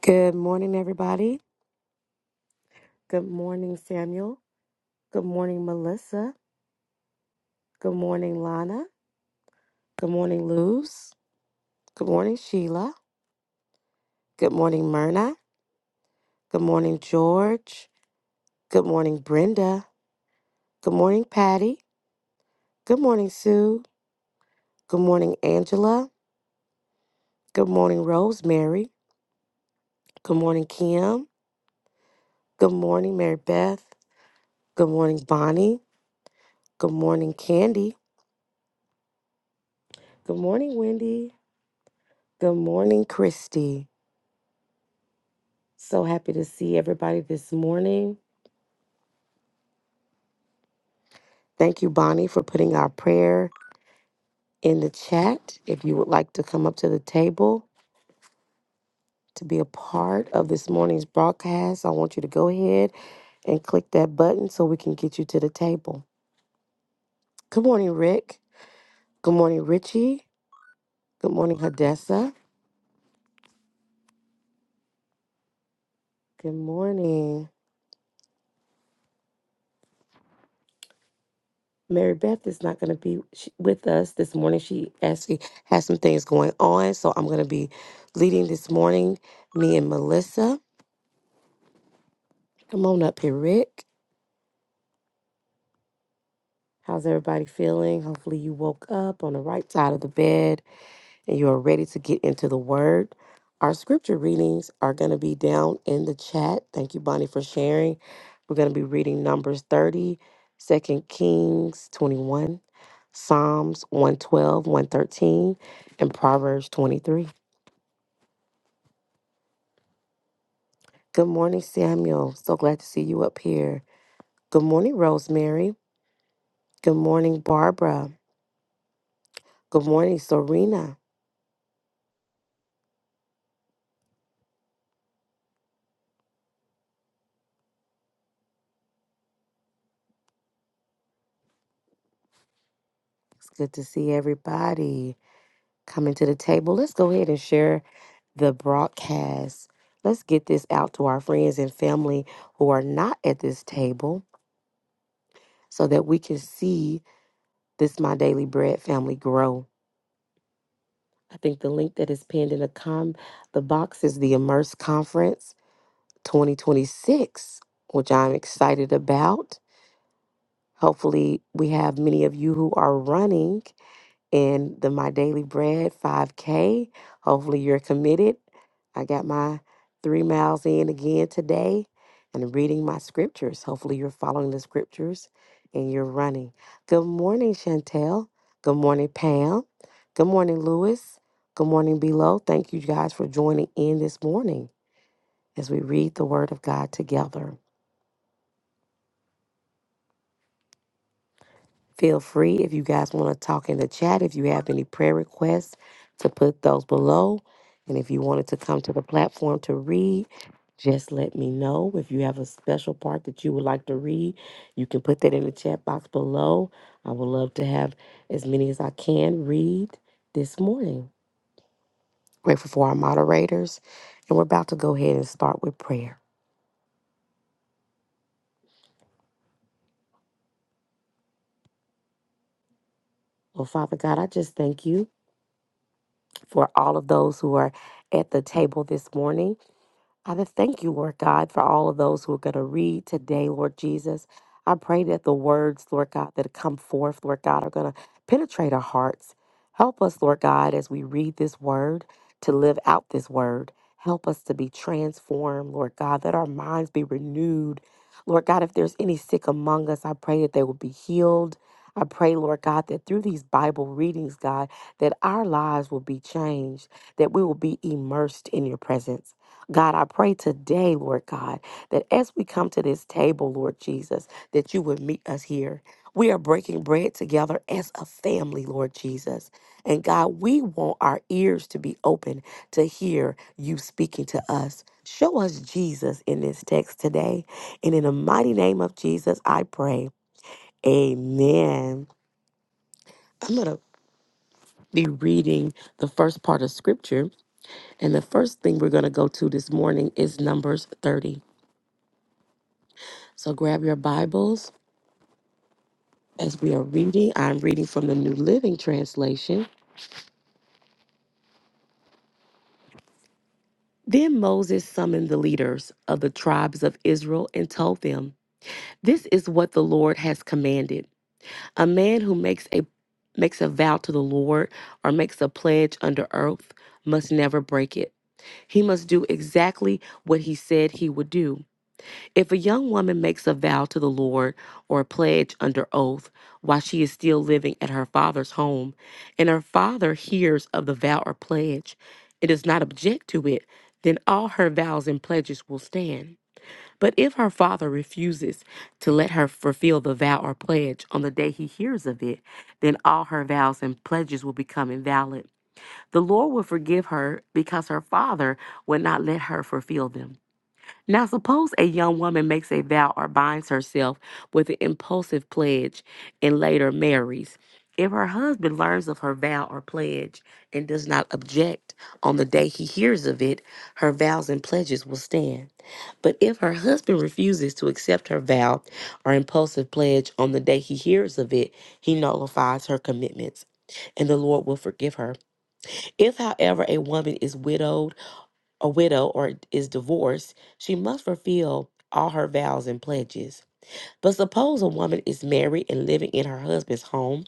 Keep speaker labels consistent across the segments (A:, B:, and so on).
A: Good morning, everybody. Good morning, Samuel. Good morning, Melissa. Good morning, Lana. Good morning, Luz. Good morning, Sheila. Good morning, Myrna. Good morning, George. Good morning, Brenda. Good morning, Patty. Good morning, Sue. Good morning, Angela. Good morning, Rosemary. Good morning, Kim. Good morning, Mary Beth. Good morning, Bonnie. Good morning, Candy. Good morning, Wendy. Good morning, Christy. So happy to see everybody this morning. Thank you, Bonnie, for putting our prayer in the chat. If you would like to come up to the table to be a part of this morning's broadcast, I want you to go ahead and click that button so we can get you to the table. Good morning, Rick. Good morning, Richie. Good morning, Hadessa. Good morning. Mary Beth is not going to be sh- with us this morning. She actually has some things going on, so I'm going to be leading this morning, me and Melissa. Come on up here, Rick. How's everybody feeling? Hopefully, you woke up on the right side of the bed and you are ready to get into the Word. Our scripture readings are going to be down in the chat. Thank you, Bonnie, for sharing. We're going to be reading Numbers 30, Second Kings 21, Psalms one twelve, one thirteen, and Proverbs 23. Good morning, Samuel. So glad to see you up here. Good morning, Rosemary. Good morning, Barbara. Good morning, Serena. It's good to see everybody coming to the table. Let's go ahead and share the broadcast. Let's get this out to our friends and family who are not at this table so that we can see this My Daily Bread family grow. I think the link that is pinned in the com the box is the Immerse Conference 2026, which I'm excited about. Hopefully, we have many of you who are running in the My Daily Bread 5K. Hopefully, you're committed. I got my three miles in again today and reading my scriptures. Hopefully, you're following the scriptures and you're running. Good morning, Chantel. Good morning, Pam. Good morning, Lewis. Good morning, Below. Thank you guys for joining in this morning as we read the Word of God together. Feel free if you guys want to talk in the chat, if you have any prayer requests, to put those below. And if you wanted to come to the platform to read, just let me know. If you have a special part that you would like to read, you can put that in the chat box below. I would love to have as many as I can read this morning. Grateful for our moderators. And we're about to go ahead and start with prayer. Well, Father God, I just thank you for all of those who are at the table this morning. I just thank you, Lord God, for all of those who are going to read today, Lord Jesus. I pray that the words, Lord God, that come forth, Lord God, are going to penetrate our hearts. Help us, Lord God, as we read this word to live out this word. Help us to be transformed, Lord God, that our minds be renewed. Lord God, if there's any sick among us, I pray that they will be healed. I pray, Lord God, that through these Bible readings, God, that our lives will be changed, that we will be immersed in your presence. God, I pray today, Lord God, that as we come to this table, Lord Jesus, that you would meet us here. We are breaking bread together as a family, Lord Jesus. And God, we want our ears to be open to hear you speaking to us. Show us Jesus in this text today. And in the mighty name of Jesus, I pray. Amen. I'm going to be reading the first part of scripture. And the first thing we're going to go to this morning is Numbers 30. So grab your Bibles as we are reading. I'm reading from the New Living Translation. Then Moses summoned the leaders of the tribes of Israel and told them, "This is what the Lord has commanded. A man who makes a makes a vow to the Lord or makes a pledge under oath must never break it. He must do exactly what he said he would do. If a young woman makes a vow to the Lord or a pledge under oath while she is still living at her father's home, and her father hears of the vow or pledge and does not object to it, then all her vows and pledges will stand. But if her father refuses to let her fulfill the vow or pledge on the day he hears of it, then all her vows and pledges will become invalid. The Lord will forgive her because her father would not let her fulfill them. Now, suppose a young woman makes a vow or binds herself with an impulsive pledge and later marries. If her husband learns of her vow or pledge and does not object on the day he hears of it, her vows and pledges will stand. But if her husband refuses to accept her vow or impulsive pledge on the day he hears of it, he nullifies her commitments, and the Lord will forgive her. If, however, a woman is widowed, a widow or is divorced, she must fulfill all her vows and pledges. But suppose a woman is married and living in her husband's home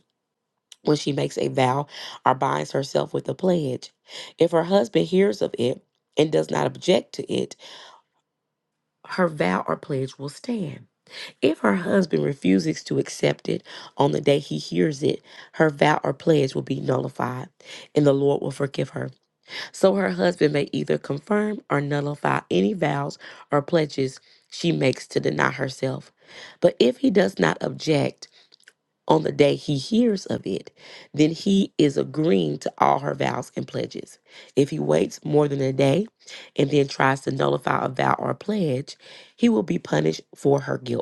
A: when she makes a vow or binds herself with a pledge. If her husband hears of it and does not object to it, her vow or pledge will stand. If her husband refuses to accept it on the day he hears it, her vow or pledge will be nullified, and the Lord will forgive her. So her husband may either confirm or nullify any vows or pledges she makes to deny herself. But if he does not object on the day he hears of it, then he is agreeing to all her vows and pledges. If he waits more than a day and then tries to nullify a vow or pledge, he will be punished for her guilt.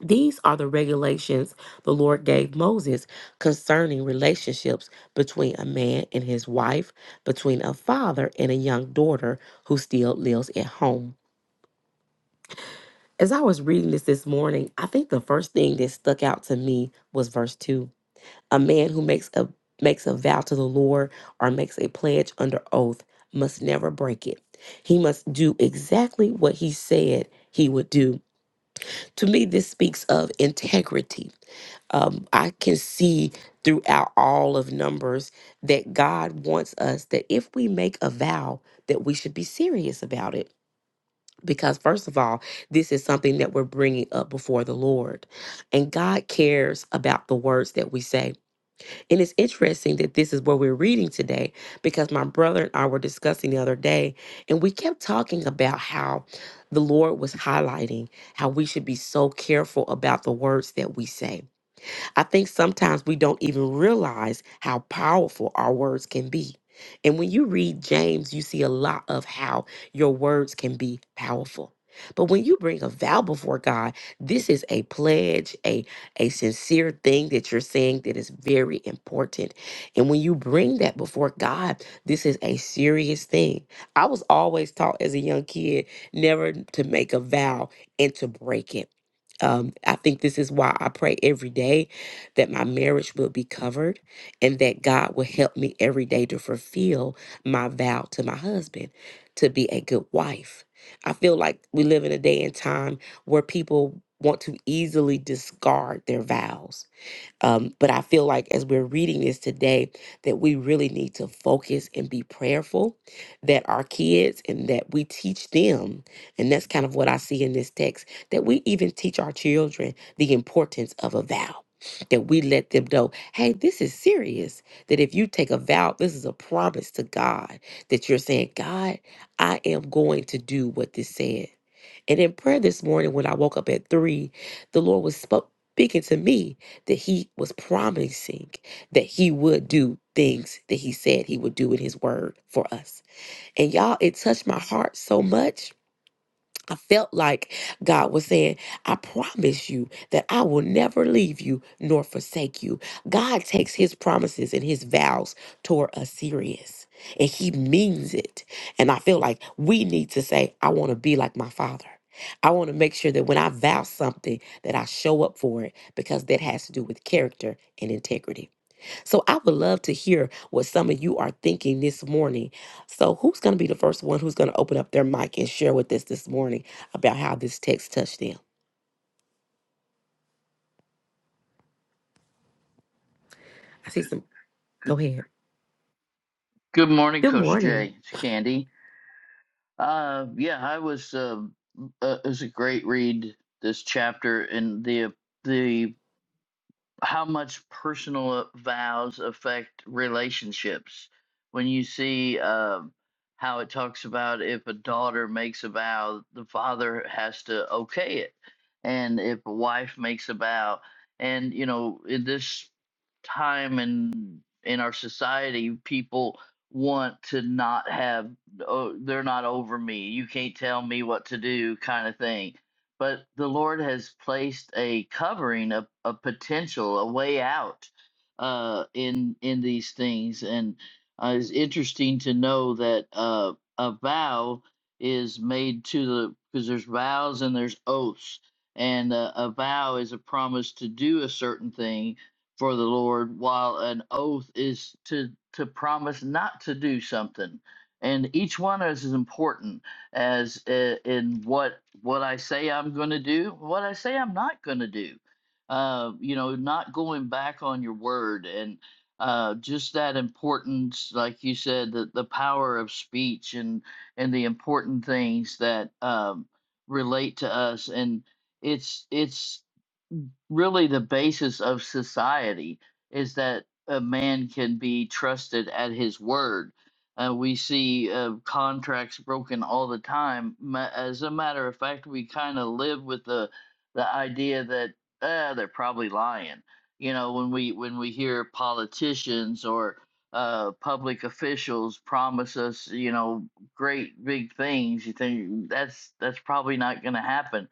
A: These are the regulations the Lord gave Moses concerning relationships between a man and his wife, between a father and a young daughter who still lives at home. As I was reading this this morning, I think the first thing that stuck out to me was verse 2. A man who makes a makes a vow to the Lord or makes a pledge under oath must never break it. He must do exactly what he said he would do. To me, this speaks of integrity. Um, I can see throughout all of Numbers that God wants us that if we make a vow, that we should be serious about it. Because, first of all, this is something that we're bringing up before the Lord. And God cares about the words that we say. And it's interesting that this is what we're reading today because my brother and I were discussing the other day, and we kept talking about how the Lord was highlighting how we should be so careful about the words that we say I think sometimes we don't even realize how powerful our words can be. And when you read James, you see a lot of how your words can be powerful. But when you bring a vow before God, this is a pledge, a, a sincere thing that you're saying that is very important. And when you bring that before God, this is a serious thing. I was always taught as a young kid never to make a vow and to break it. Um, I think this is why I pray every day that my marriage will be covered, and that God will help me every day to fulfill my vow to my husband to be a good wife. I feel like we live in a day and time where people want to easily discard their vows. Um, but I feel like as we're reading this today, that we really need to focus and be prayerful that our kids and that we teach them. And that's kind of what I see in this text that we even teach our children the importance of a vow. That we let them know, hey, this is serious. That if you take a vow, this is a promise to God that you're saying, God, I am going to do what this said. And in prayer this morning, when I woke up at three, the Lord was spoke, speaking to me that He was promising that He would do things that He said He would do in His word for us. And y'all, it touched my heart so much I felt like God was saying, I promise you that I will never leave you nor forsake you. God takes his promises and his vows toward us serious, and he means it. And I feel like we need to say, I want to be like my father. I want to make sure that when I vow something that I show up for it because that has to do with character and integrity. So I would love to hear what some of you are thinking this morning. So who's going to be the first one who's going to open up their mic and share with us this morning about how this text touched them? I see some.
B: Good
A: Go ahead.
B: good morning,
A: Good
B: Coach
A: morning.
B: Jay. It's Candy. Uh, yeah, I was. Uh, uh, it was a great read. This chapter and the the how much personal uh, vows affect relationships. When you see um, how it talks about if a daughter makes a vow, the father has to okay it, and if a wife makes a vow, and you know in this time and in our society, people want to not have oh, they're not over me. You can't tell me what to do, kind of thing but the Lord has placed a covering, a, a potential, a way out uh, in in these things, and uh, it's interesting to know that uh, a vow is made to the because there's vows and there's oaths, and uh, a vow is a promise to do a certain thing for the Lord, while an oath is to to promise not to do something, and each one is important as uh, in what what I say I'm going to do, what I say I'm not going to do. Uh, you know, not going back on your word and uh, just that importance, like you said, the, the power of speech and and the important things that um, relate to us. And it's it's really the basis of society is that a man can be trusted at his word. Uh, we see uh, contracts broken all the time. Ma- As a matter of fact, we kind of live with the the idea that uh, they're probably lying. You know, when we when we hear politicians or uh, public officials promise us, you know, great big things, you think that's that's probably not going to happen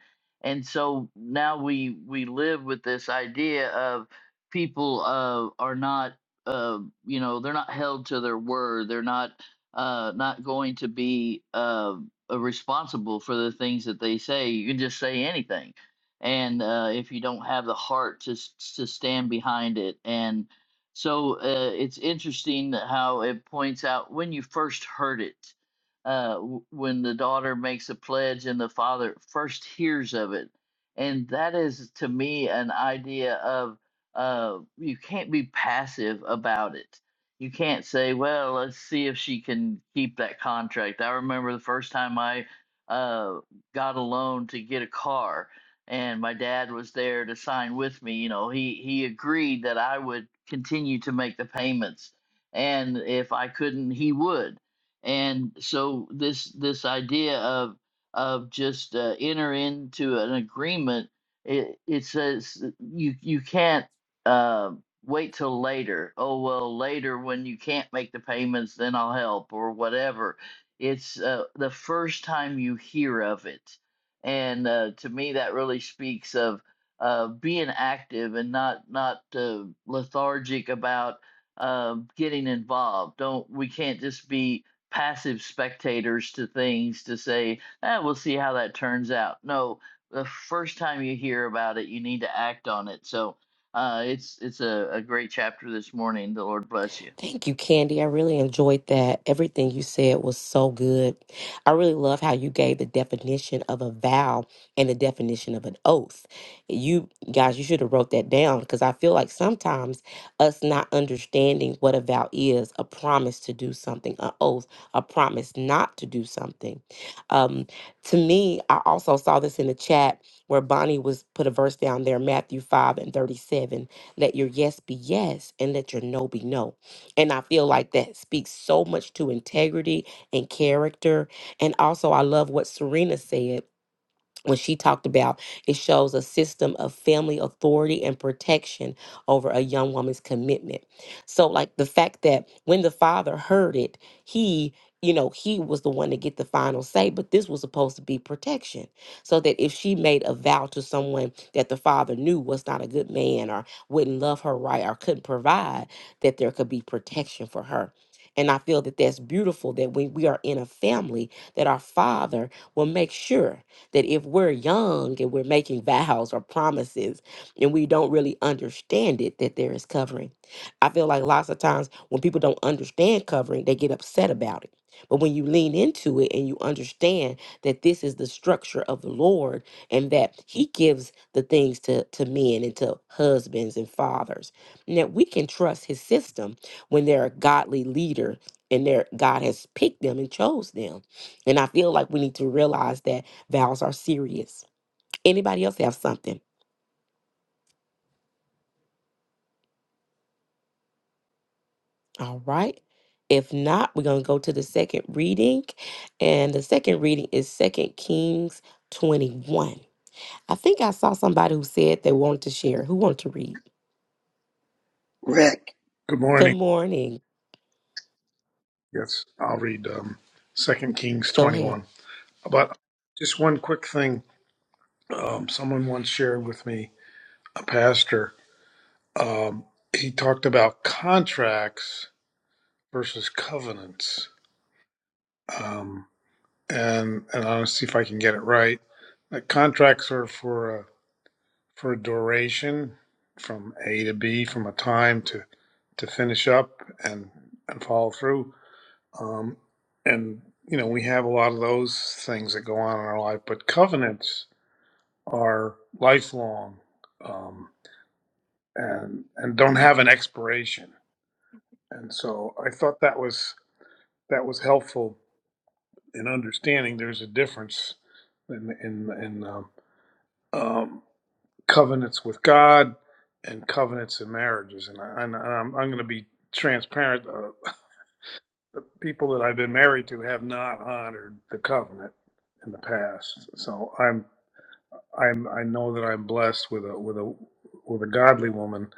B: and so now we we live with this idea of people uh, are not uh, you know they're not held to their word they're not uh, not going to be uh, uh, responsible for the things that they say you can just say anything and uh, if you don't have the heart to s- to stand behind it and so uh, it's interesting that how it points out when you first heard it uh, w- when the daughter makes a pledge and the father first hears of it. And that is to me an idea of uh, you can't be passive about it. You can't say, well, let's see if she can keep that contract. I remember the first time I uh, got a loan to get a car, and my dad was there to sign with me. You know, he, he agreed that I would continue to make the payments and if I couldn't, he would and so this this idea of of just uh, enter into an agreement it, it says you you can't uh, wait till later oh well later when you can't make the payments then i'll help or whatever it's uh, the first time you hear of it and uh, to me that really speaks of uh, being active and not not uh, lethargic about uh, getting involved don't we can't just be passive spectators to things to say, ah, we'll see how that turns out. No, the first time you hear about it, you need to act on it. So uh, it's it's a, a great chapter this morning. The Lord bless you.
A: Thank you, Candy. I really enjoyed that. Everything you said was so good. I really love how you gave the definition of a vow and the definition of an oath. You guys, you should have wrote that down because I feel like sometimes us not understanding what a vow is, a promise to do something, an oath, a promise not to do something. Um, to me, I also saw this in the chat where Bonnie was put a verse down there, Matthew 5 and 37. Let your yes be yes and let your no be no. And I feel like that speaks so much to integrity and character. And also, I love what Serena said when she talked about it shows a system of family authority and protection over a young woman's commitment so like the fact that when the father heard it he you know he was the one to get the final say but this was supposed to be protection so that if she made a vow to someone that the father knew was not a good man or wouldn't love her right or couldn't provide that there could be protection for her and i feel that that's beautiful that when we are in a family that our father will make sure that if we're young and we're making vows or promises and we don't really understand it, that there is covering. I feel like lots of times when people don't understand covering, they get upset about it. But when you lean into it and you understand that this is the structure of the Lord and that He gives the things to, to men and to husbands and fathers, and that we can trust His system when they're a godly leader and they're, God has picked them and chose them. And I feel like we need to realize that Vows are serious. Anybody else have something? All right. If not, we're going to go to the second reading. And the second reading is Second Kings 21. I think I saw somebody who said they wanted to share. Who wanted to read?
C: Rick.
D: Good
A: Good
D: morning.
A: morning.
D: Yes, I'll read um, 2 Kings
A: Go ahead.
D: 21. But just one quick thing. Um, someone once shared with me, a pastor, um, he talked about contracts versus covenants. Um, and and I'll see if I can get it right. Like contracts are for a, for a duration from A to B, from a time to, to finish up and, and follow through Um, and, you know, we have a lot of those things that go on in our life, but covenants are lifelong um, and, and don't have an expiration. And so I thought that was, that was helpful in understanding there's a difference in, in, in um, um, covenants with God and covenants in marriages. And, I, and I'm, I'm going to be transparent. uh, people that I've been married to have not honored the covenant in the past. So I'm, I'm, I know that I'm blessed with a, with a, with a godly woman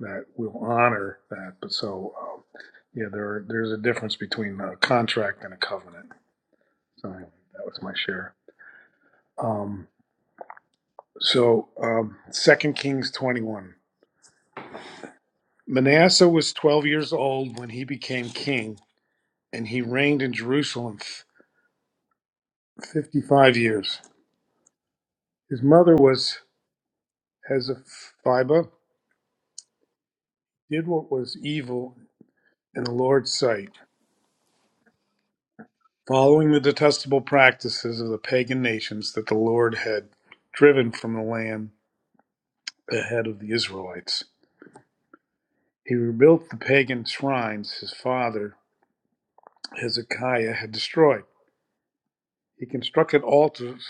D: that will honor that. But so, um, yeah, there, are- there's a difference between a contract and a covenant. So anyway, that was my share. Um, so, um, second Kings 21, Manasseh was 12 years old when he became king and he reigned in Jerusalem f- 55 years. His mother was Hezekiah did what was evil in the Lord's sight, following the detestable practices of the pagan nations that the Lord had driven from the land ahead of the Israelites. He rebuilt the pagan shrines his father Hezekiah had destroyed. He constructed altars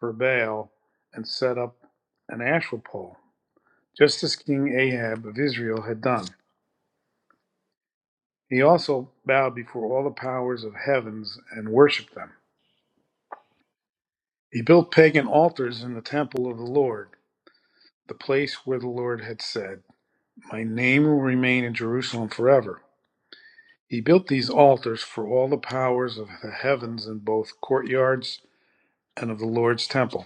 D: for Baal and set up an Asherah pole, just as King Ahab of Israel had done. He also bowed before all the powers of heavens and worshiped them. He built pagan altars in the temple of the Lord, the place where the Lord had said, My name will remain in Jerusalem forever. He built these altars for all the powers of the heavens in both courtyards and of the Lord's temple.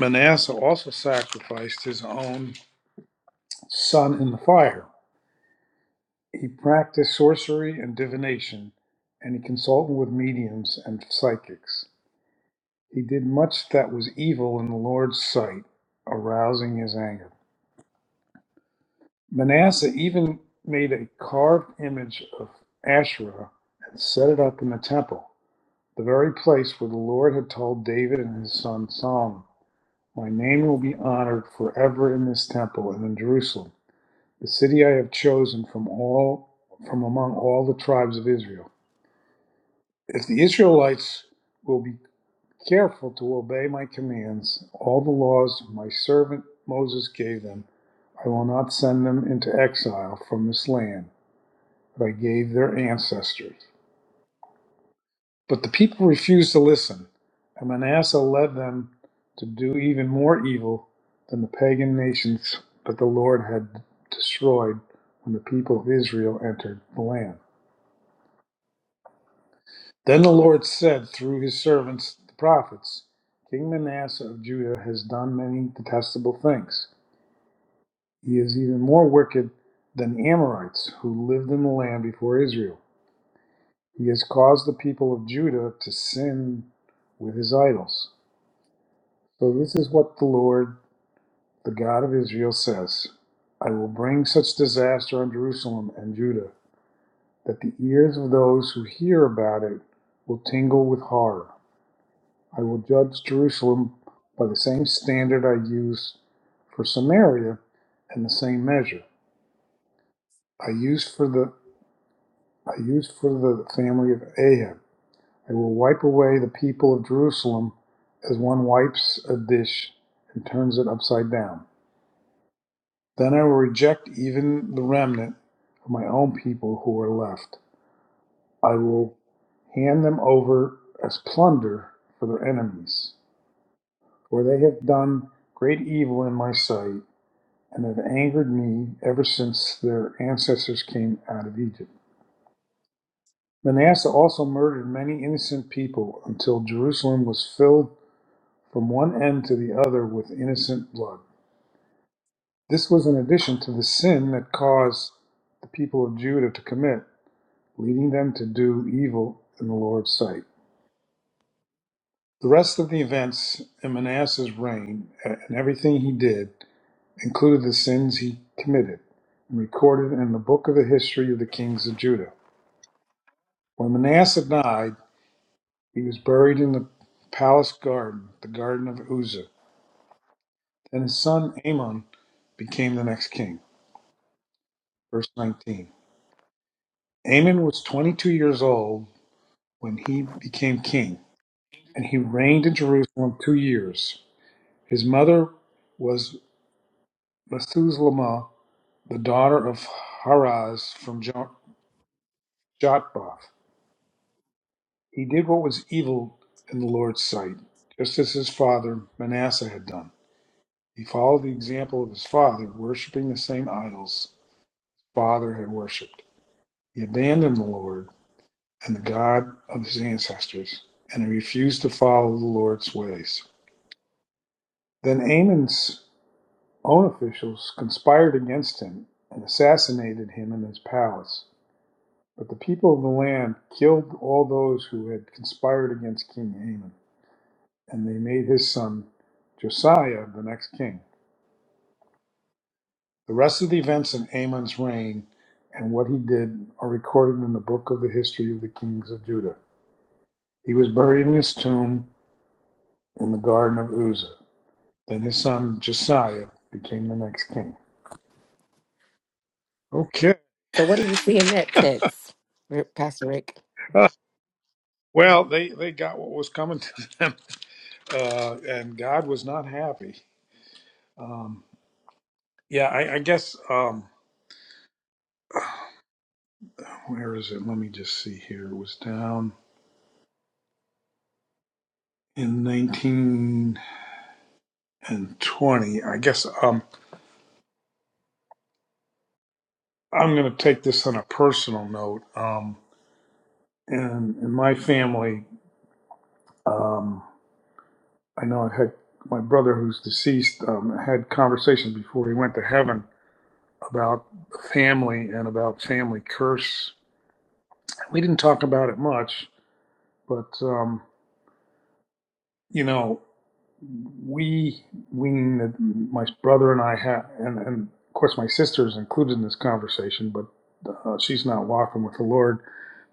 D: Manasseh also sacrificed his own son in the fire. He practiced sorcery and divination, and he consulted with mediums and psychics. He did much that was evil in the Lord's sight, arousing his anger. Manasseh even made a carved image of Asherah and set it up in the temple, the very place where the Lord had told David and his son Solomon, My name will be honored forever in this temple and in Jerusalem, the city I have chosen from all from among all the tribes of Israel. If the Israelites will be careful to obey my commands, all the laws my servant Moses gave them, I will not send them into exile from this land they gave their ancestors. But the people refused to listen, and Manasseh led them to do even more evil than the pagan nations that the Lord had destroyed when the people of Israel entered the land. Then the Lord said through his servants, the prophets, King Manasseh of Judah has done many detestable things. He is even more wicked than the Amorites who lived in the land before Israel. He has caused the people of Judah to sin with his idols. So this is what the Lord, the God of Israel, says I will bring such disaster on Jerusalem and Judah that the ears of those who hear about it will tingle with horror. I will judge Jerusalem by the same standard I used for Samaria and the same measure I used for the I used for the family of Ahab. I will wipe away the people of Jerusalem as one wipes a dish and turns it upside down. Then I will reject even the remnant of my own people who are left. I will hand them over as plunder for their enemies, for they have done great evil in my sight and have angered me ever since their ancestors came out of Egypt. Manasseh also murdered many innocent people until Jerusalem was filled from one end to the other with innocent blood. This was in addition to the sin that caused the people of Judah to commit, leading them to do evil in the Lord's sight. The rest of the events in Manasseh's reign and everything he did included the sins he committed and recorded in the book of the history of the kings of Judah. When Manasseh died, he was buried in the palace garden, the garden of Uzzah, and his son Amon became the next king. Verse 19. Amon was 22 years old when he became king, and he reigned in Jerusalem two years. His mother was Methuselah, the daughter of Haraz from Jo- He did what was evil in the Lord's sight, just as his father Manasseh had done. He followed the example of his father, worshiping the same idols his father had worshipped. He abandoned the Lord and the God of his ancestors, and he refused to follow the Lord's ways. Then Amon's own officials conspired against him and assassinated him in his palace. But the people of the land killed all those who had conspired against King Amon, and they made his son Josiah the next king. The rest of the events in Amon's reign and what he did are recorded in the book of the history of the kings of Judah. He was buried in his tomb in the garden of Uzzah. Then his son Josiah became the next king. Okay.
A: So, what do you see in that text, Rick- Pastor Rick?
D: Well, they, they got what was coming to them, uh, and God was not happy. Um, yeah, I, I guess, um, where is it? Let me just see here. It was down in 19 and 20. I guess um, I'm going to take this on a personal note. Um, and in my family, um, I know I had my brother who's deceased um, had conversations before he went to heaven about family and about family curse. We didn't talk about it much But um, you know, we we my brother and I have, and, and of course my sister is included in this conversation, but uh, she's not walking with the Lord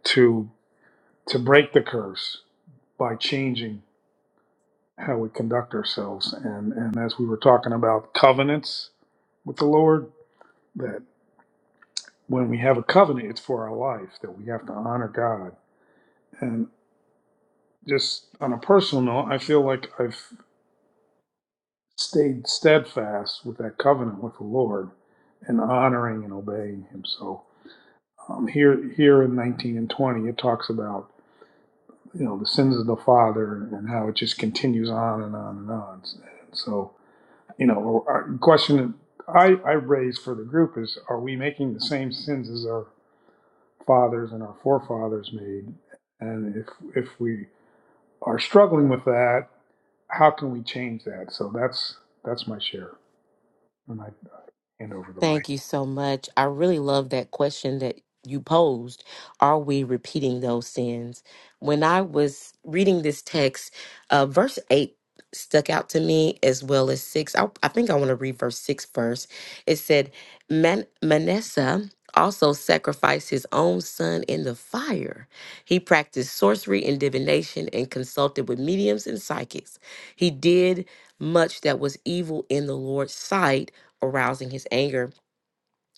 D: to to break the curse by changing how we conduct ourselves. And and as we were talking about covenants with the Lord, that when we have a covenant, it's for our life that we have to honor God. And just on a personal note, I feel like I've stayed steadfast with that covenant with the Lord and honoring and obeying Him. So um, here, here in 19 and 20, it talks about you know the sins of the father and how it just continues on and on and on. So you know, a question that I I raise for the group is: Are we making the same sins as our fathers and our forefathers made? And if if we are struggling with that, how can we change that? So that's that's my share, and I hand over the mic.
A: Thank you so much. I really love that question that you posed. Are we repeating those sins? When I was reading this text, uh, verse 8 stuck out to me as well as 6. I, I think I want to read verse 6 first. It said, Man- Manasseh also sacrificed his own son in the fire. He practiced sorcery and divination and consulted with mediums and psychics. He did much that was evil in the Lord's sight arousing his anger.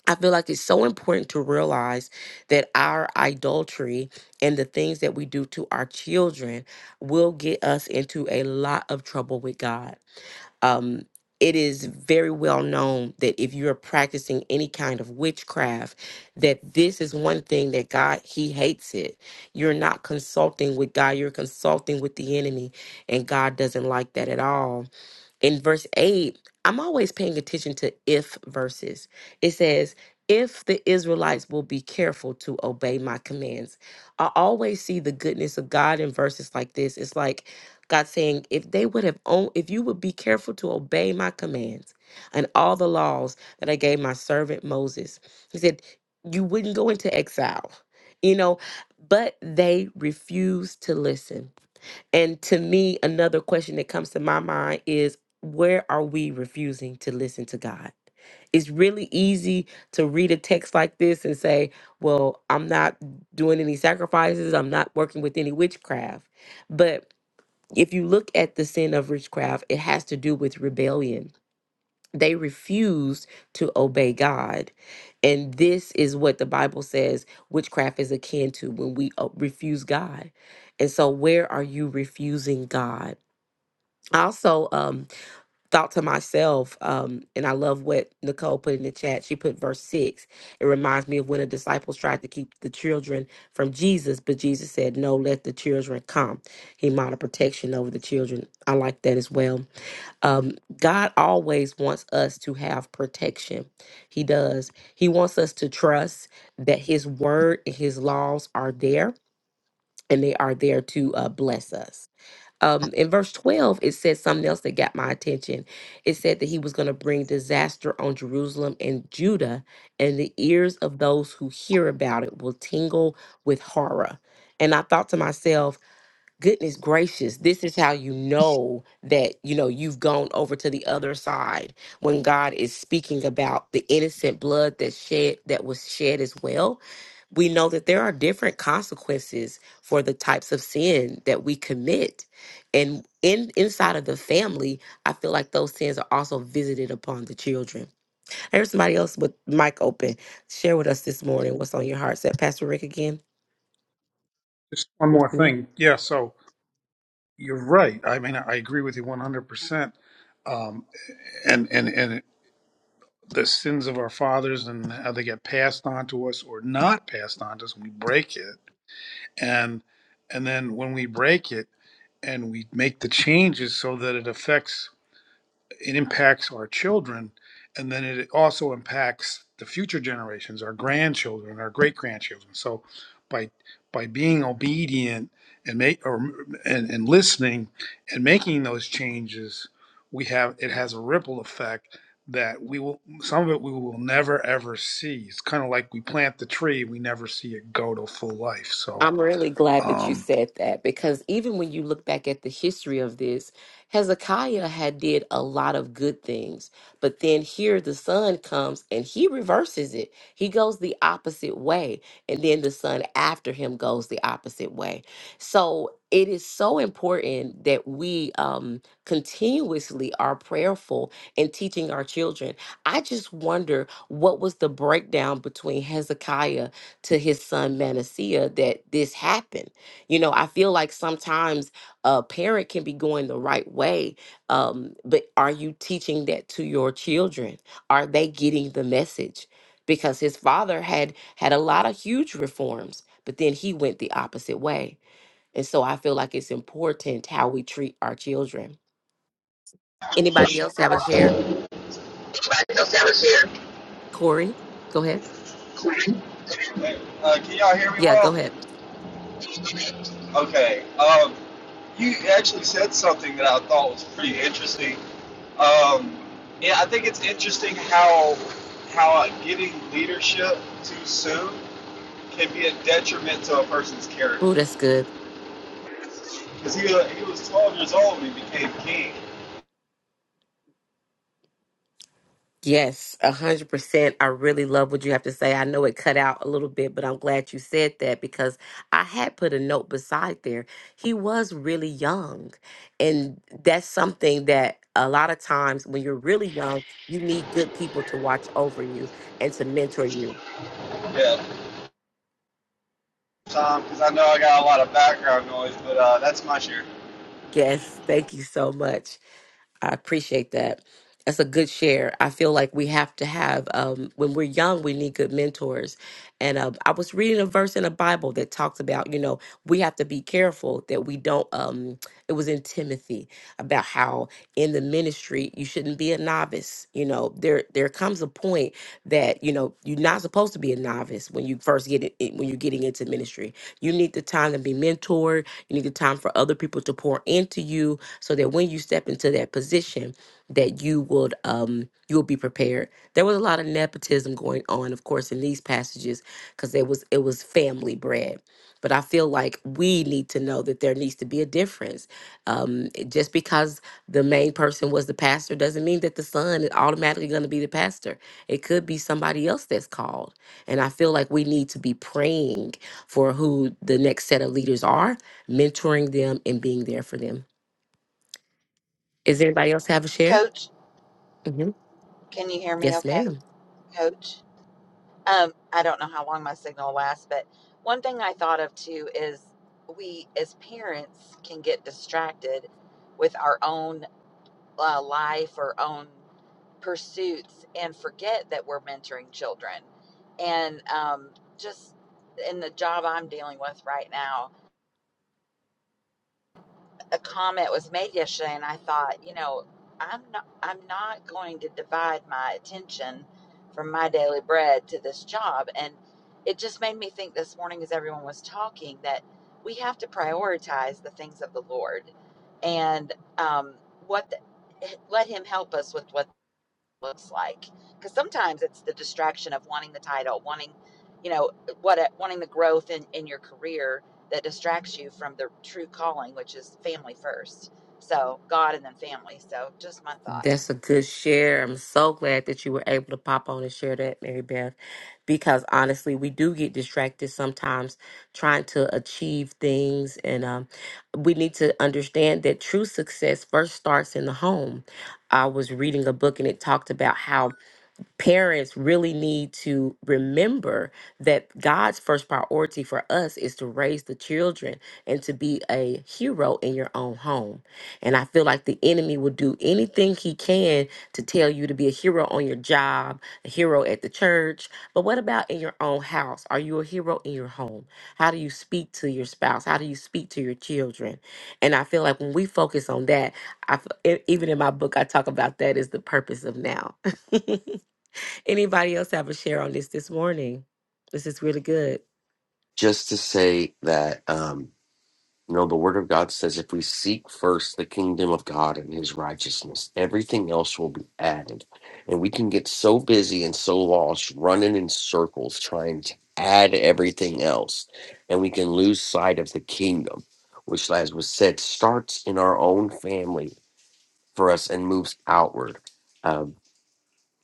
A: I feel like it's so important to realize that our adultery and the things that we do to our children will get us into a lot of trouble with God. Um, it is very well known that if you're practicing any kind of witchcraft, that this is one thing that God, He hates it. You're not consulting with God, you're consulting with the enemy, and God doesn't like that at all. In verse 8, I'm always paying attention to if verses. It says, if the Israelites will be careful to obey my commands. I always see the goodness of God in verses like this. It's like God saying, if they would have own, if you would be careful to obey my commands and all the laws that I gave my servant Moses, he said, you wouldn't go into exile, you know, but they refused to listen. And to me, another question that comes to my mind is where are we refusing to listen to God? It's really easy to read a text like this and say, Well, I'm not doing any sacrifices, I'm not working with any witchcraft. But if you look at the sin of witchcraft, it has to do with rebellion they refused to obey God. And this is what the Bible says witchcraft is akin to when we uh, refuse God. And so, where are you refusing God? I also um, thought to myself, um, and I love what Nicole put in the chat. She put verse six. It reminds me of when the disciples tried to keep the children from Jesus, but Jesus said, No, let the children come. He modeled protection over the children. I like that as well um, God always wants us to have protection. He does. He wants us to trust that His word and His laws are there and they are there to uh, bless us. Um, in verse 12, it said something else that got my attention. It said that he was going to bring disaster on Jerusalem and Judah, and the ears of those who hear about it will tingle with horror. And I thought to myself, goodness gracious this is how you know that you know you've gone over to the other side when god is speaking about the innocent blood that shed that was shed as well we know that there are different consequences for the types of sin that we commit and in inside of the family i feel like those sins are also visited upon the children there's somebody else with mic open share with us this morning what's on your heart Is that pastor rick again
D: Just one more thing. Yeah, so you're right. I mean, I agree with you 100%. Um, and, and, and the sins of our fathers and how they get passed on to us or not passed on to us, we break it. And, and then when we break it and we make the changes so that it affects it impacts our children and then it also impacts the future generations our grandchildren our great grandchildren so by by being obedient and make or and, and listening and making those changes we have it has a ripple effect that we will some of it we will never ever see it's kind of like we plant the tree we never see it go to full life so
A: I'm really glad that you
D: um
A: said that because even when you look back at the history of this, Hezekiah had did a lot of good things, but then here the son comes and he reverses it. He goes the opposite way, and then the son after him goes the opposite way. So it is so important that we um, continuously are prayerful in teaching our children. I just wonder what was the breakdown between Hezekiah to his son Manasseh that this happened. You know, I feel like sometimes a parent can be going the right way, um, but are you teaching that to your children? Are they getting the message? Because his father had had a lot of huge reforms, but then he went the opposite way. And so I feel like it's important how we treat our children. Anybody else have a share? Corey, go ahead.
E: Uh, can y'all hear me
A: Yeah, go
E: well?
A: ahead.
E: Okay. Um, you actually said something that I thought was pretty interesting. Um, yeah, I think it's interesting how how uh, getting leadership too soon can be a detriment to a person's character.
A: Oh, that's good.
E: Because he, uh, he was 12 years old when he became king.
A: Yes, a hundred percent. I really love what you have to say. I know it cut out a little bit, but I'm glad you said that because I had put a note beside there. He was really young, and that's something that a lot of times when you're really young, you need good people to watch over you and to mentor you.
E: Yeah. Tom, because um, I know I got a lot of background noise, but uh, that's my share.
A: Yes, thank you so much. I appreciate that. That's a good share. I feel like we have to have, um, when we're young, we need good mentors. And um, I was reading a verse in the Bible that talks about, you know, we have to be careful that we don't, um, it was in Timothy about how in the ministry, you shouldn't be a novice. You know, there, there comes a point that, you know, you're not supposed to be a novice when you first get it, when you're getting into ministry. You need the time to be mentored. You need the time for other people to pour into you so that when you step into that position that you would um you will be prepared there was a lot of nepotism going on of course in these passages because it was it was family bread but i feel like we need to know that there needs to be a difference um it- just because the main person was the pastor doesn't mean that the son is automatically going to be the pastor it could be somebody else that's called and i feel like we need to be praying for who the next set of leaders are mentoring them and being there for them is anybody else have a share?
F: Coach,
A: hmm
F: can you hear me
A: Yes,
F: okay?
A: ma'am.
F: Coach? Um, I don't know how long my signal lasts, but one thing I thought of too is we as parents can get distracted with our own uh, life or own pursuits and forget that we're mentoring children. And um, just in the job I'm dealing with right now, a comment was made yesterday, and I thought, you know, I'm not I'm not going to divide my attention from my daily bread to this job, and it just made me think this morning as everyone was talking that we have to prioritize the things of the Lord and um, what the, let Him help us with what looks like because sometimes it's the distraction of wanting the title wanting you know what wanting the growth in in your career that distracts you from the true calling which is family first so god and then family so just my thought
A: That's a good share. I'm so glad that you were able to pop on and share that, Mary Beth, because honestly, we do get distracted sometimes trying to achieve things. And um, we need to understand that true success first starts in the home. I was reading a book and it talked about how parents really need to remember that God's first priority for us is to raise the children and to be a hero in your own home. And I feel like the enemy will do anything he can to tell you to be a hero on your job, a hero at the church. But what about in your own house? Are you a hero in your home? How do you speak to your spouse? How do you speak to your children? And I feel like when we focus on that, I f- e- even in my book, I talk about that as the purpose of now. Anybody else have a share on this this morning? This is really good.
G: just to say that um you know the word of god says if we seek first the kingdom of god and his righteousness everything else will be added and we can get so busy and so lost running in circles trying to add everything else and we can lose sight of the kingdom which as was said starts in our own family for us and moves outward um,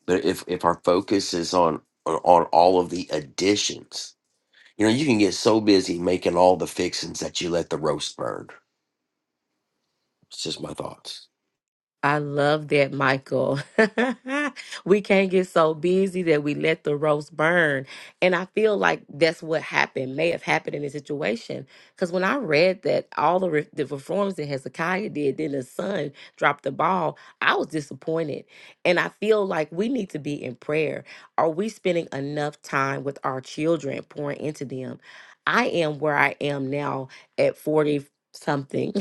G: but if if our focus is on on on all of the additions you know, you can get so busy making all the fixings that you let the roast burn. It's just my thoughts.
A: I love that, Michael. we can't get so busy that we let the roast burn. And I feel like that's what happened, may have happened in this situation. Because when I read that all the, re- the reforms that Hezekiah did, then his son dropped the ball, I was disappointed. And I feel like we need to be in prayer. Are we spending enough time with our children, pouring into them? I am where I am now at 40 something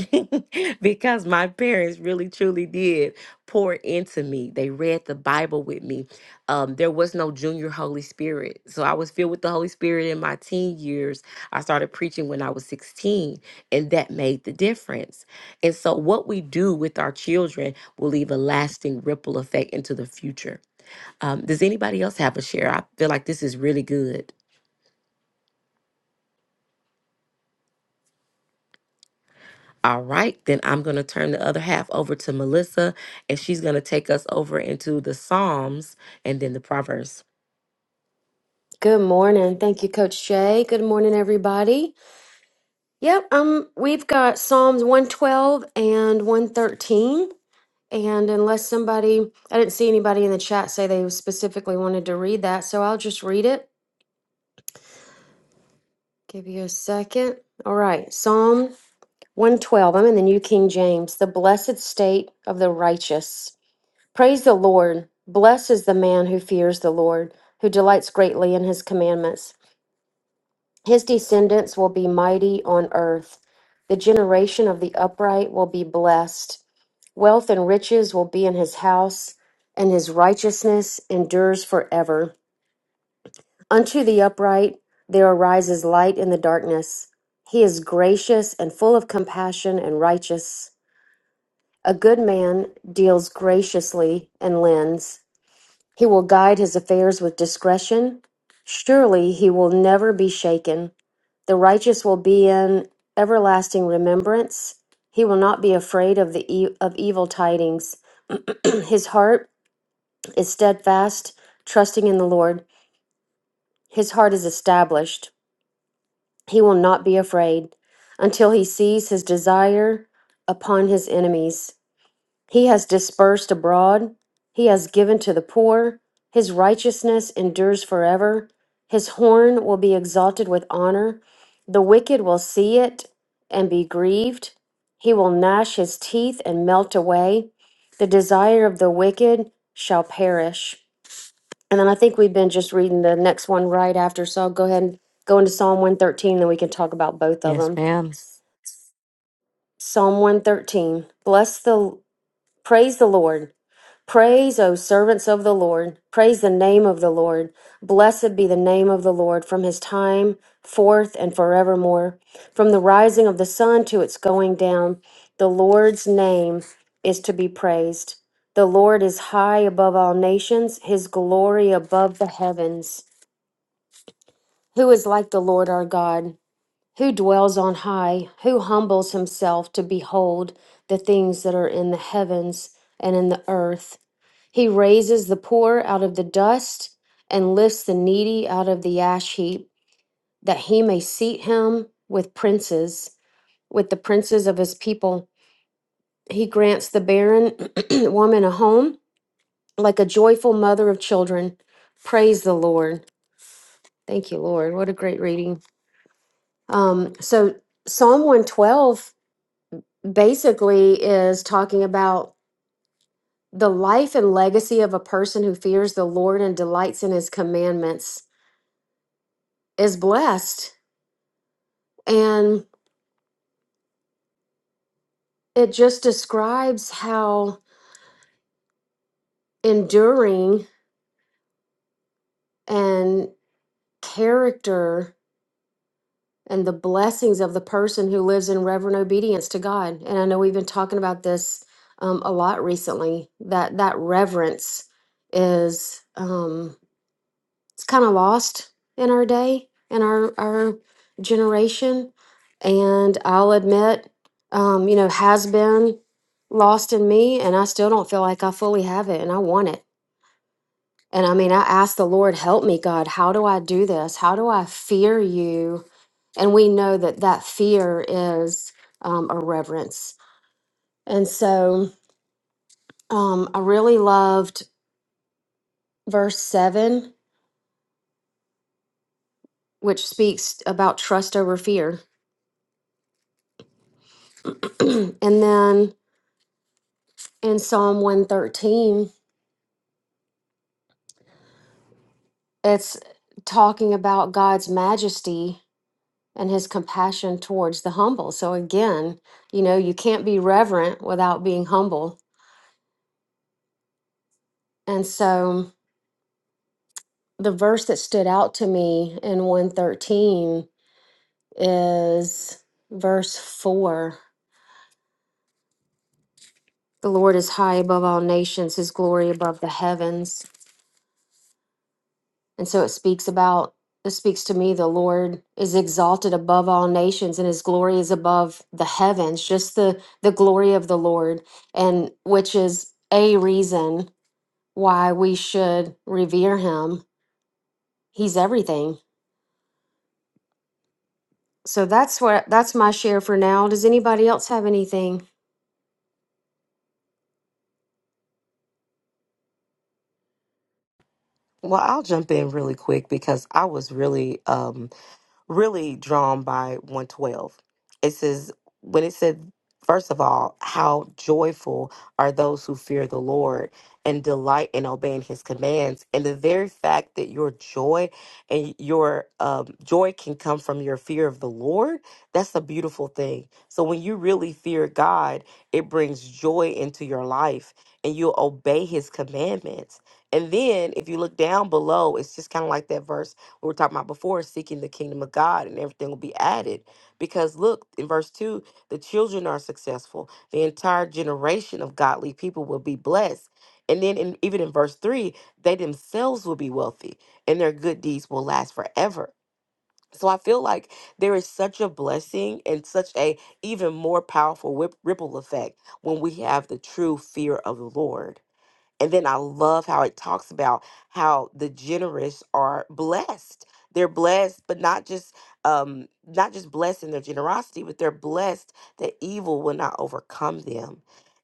A: because my parents really truly did pour into me. They read the Bible with me. Um, there was no junior Holy Spirit. So I was filled with the Holy Spirit in my teen years. I started preaching when I was 16, and that made the difference. And so, what we do with our children will leave a lasting ripple effect into the future. Um, does anybody else have a share? I feel like this is really good. All right, then I'm going to turn the other half over to Melissa, and she's going to take us over into the Psalms and then the Proverbs.
H: Good morning. Thank you, Coach Jay. Good morning, everybody. Yep, um, we've got Psalms 112 and 113. And unless somebody, I didn't see anybody in the chat say they specifically wanted to read that, so I'll just read it. Give you a second. All right, Psalm 112. I'm in the New King James, the blessed state of the righteous. Praise the Lord. Blessed is the man who fears the Lord, who delights greatly in his commandments. His descendants will be mighty on earth. The generation of the upright will be blessed. Wealth and riches will be in his house, and his righteousness endures forever. Unto the upright there arises light in the darkness. He is gracious and full of compassion and righteous. A good man deals graciously and lends. He will guide his affairs with discretion. Surely he will never be shaken. The righteous will be in everlasting remembrance. He will not be afraid of the e- of evil tidings. His heart is steadfast, trusting in the Lord. His heart is established. He will not be afraid until he sees his desire upon his enemies. He has dispersed abroad. He has given to the poor. His righteousness endures forever. His horn will be exalted with honor. The wicked will see it and be grieved. He will gnash his teeth and melt away. The desire of the wicked shall perish. And then I think we've been just reading the next one right after. So I'll go ahead and go into Psalm 113, then we can talk about both of
A: Yes,
H: them.
A: ma'am.
H: Psalm 113 Bless the, praise the Lord. Praise, O servants of the Lord. Praise the name of the Lord. Blessed be the name of the Lord from his time forth and forevermore. From the rising of the sun to its going down, the Lord's name is to be praised. The Lord is high above all nations, his glory above the heavens. Who is like the Lord our God? Who dwells on high? Who humbles himself to behold the things that are in the heavens and in the earth? He raises the poor out of the dust and lifts the needy out of the ash heap, that he may seat him with princes, with the princes of his people. He grants the barren woman a home, like a joyful mother of children. Praise the Lord. Thank you, Lord. What a great reading. Um, so Psalm 112 basically is talking about the life and legacy of a person who fears the Lord and delights in his commandments is blessed. And it just describes how enduring and character and the blessings of the person who lives in reverent obedience to God. And I know we've been talking about this um, a lot recently that that reverence is. um, it's kind of lost in our day in our our generation and i'll admit um, you know has been lost in me and i still don't feel like i fully have it and i want it and i mean i ask the lord help me god how do i do this how do i fear you and we know that that fear is um, a reverence and so um, i really loved verse 7 which speaks about trust over fear and then in Psalm 113, it's talking about God's majesty and his compassion towards the humble. So, again, you know, you can't be reverent without being humble. And so, the verse that stood out to me in 113 is verse 4 The Lord is high above all nations, his glory above the heavens. And so it speaks about, it speaks to me, the Lord is exalted above all nations and his glory is above the heavens, just the, the glory of the Lord, and which is a reason why we should revere him. He's everything. So that's what that's my share for now. Does anybody else have anything?
A: Well, I'll jump in really quick because I was really um, really drawn by 112. It says, when it said, first of all, how joyful are those who fear the Lord and delight in obeying his commands. And the very fact that your joy and your um, joy can come from your fear of the Lord, that's a beautiful thing. So when you really fear God, it brings joy into your life and you obey his commandments. And then if you look down below, it's just kind of like that verse we were talking about before, seeking the kingdom of God and everything will be added. Because look, in verse 2, the children are successful. The entire generation of godly people will be blessed. And then in, even in verse 3, they themselves will be wealthy and their good deeds will last forever. So I feel like there is such a blessing and such a even more powerful whip, ripple effect when we have the true fear of the Lord and then I love how it talks about how the generous are blessed. They're blessed, but not just um, not just blessed in their generosity, but they're blessed that evil will not overcome them.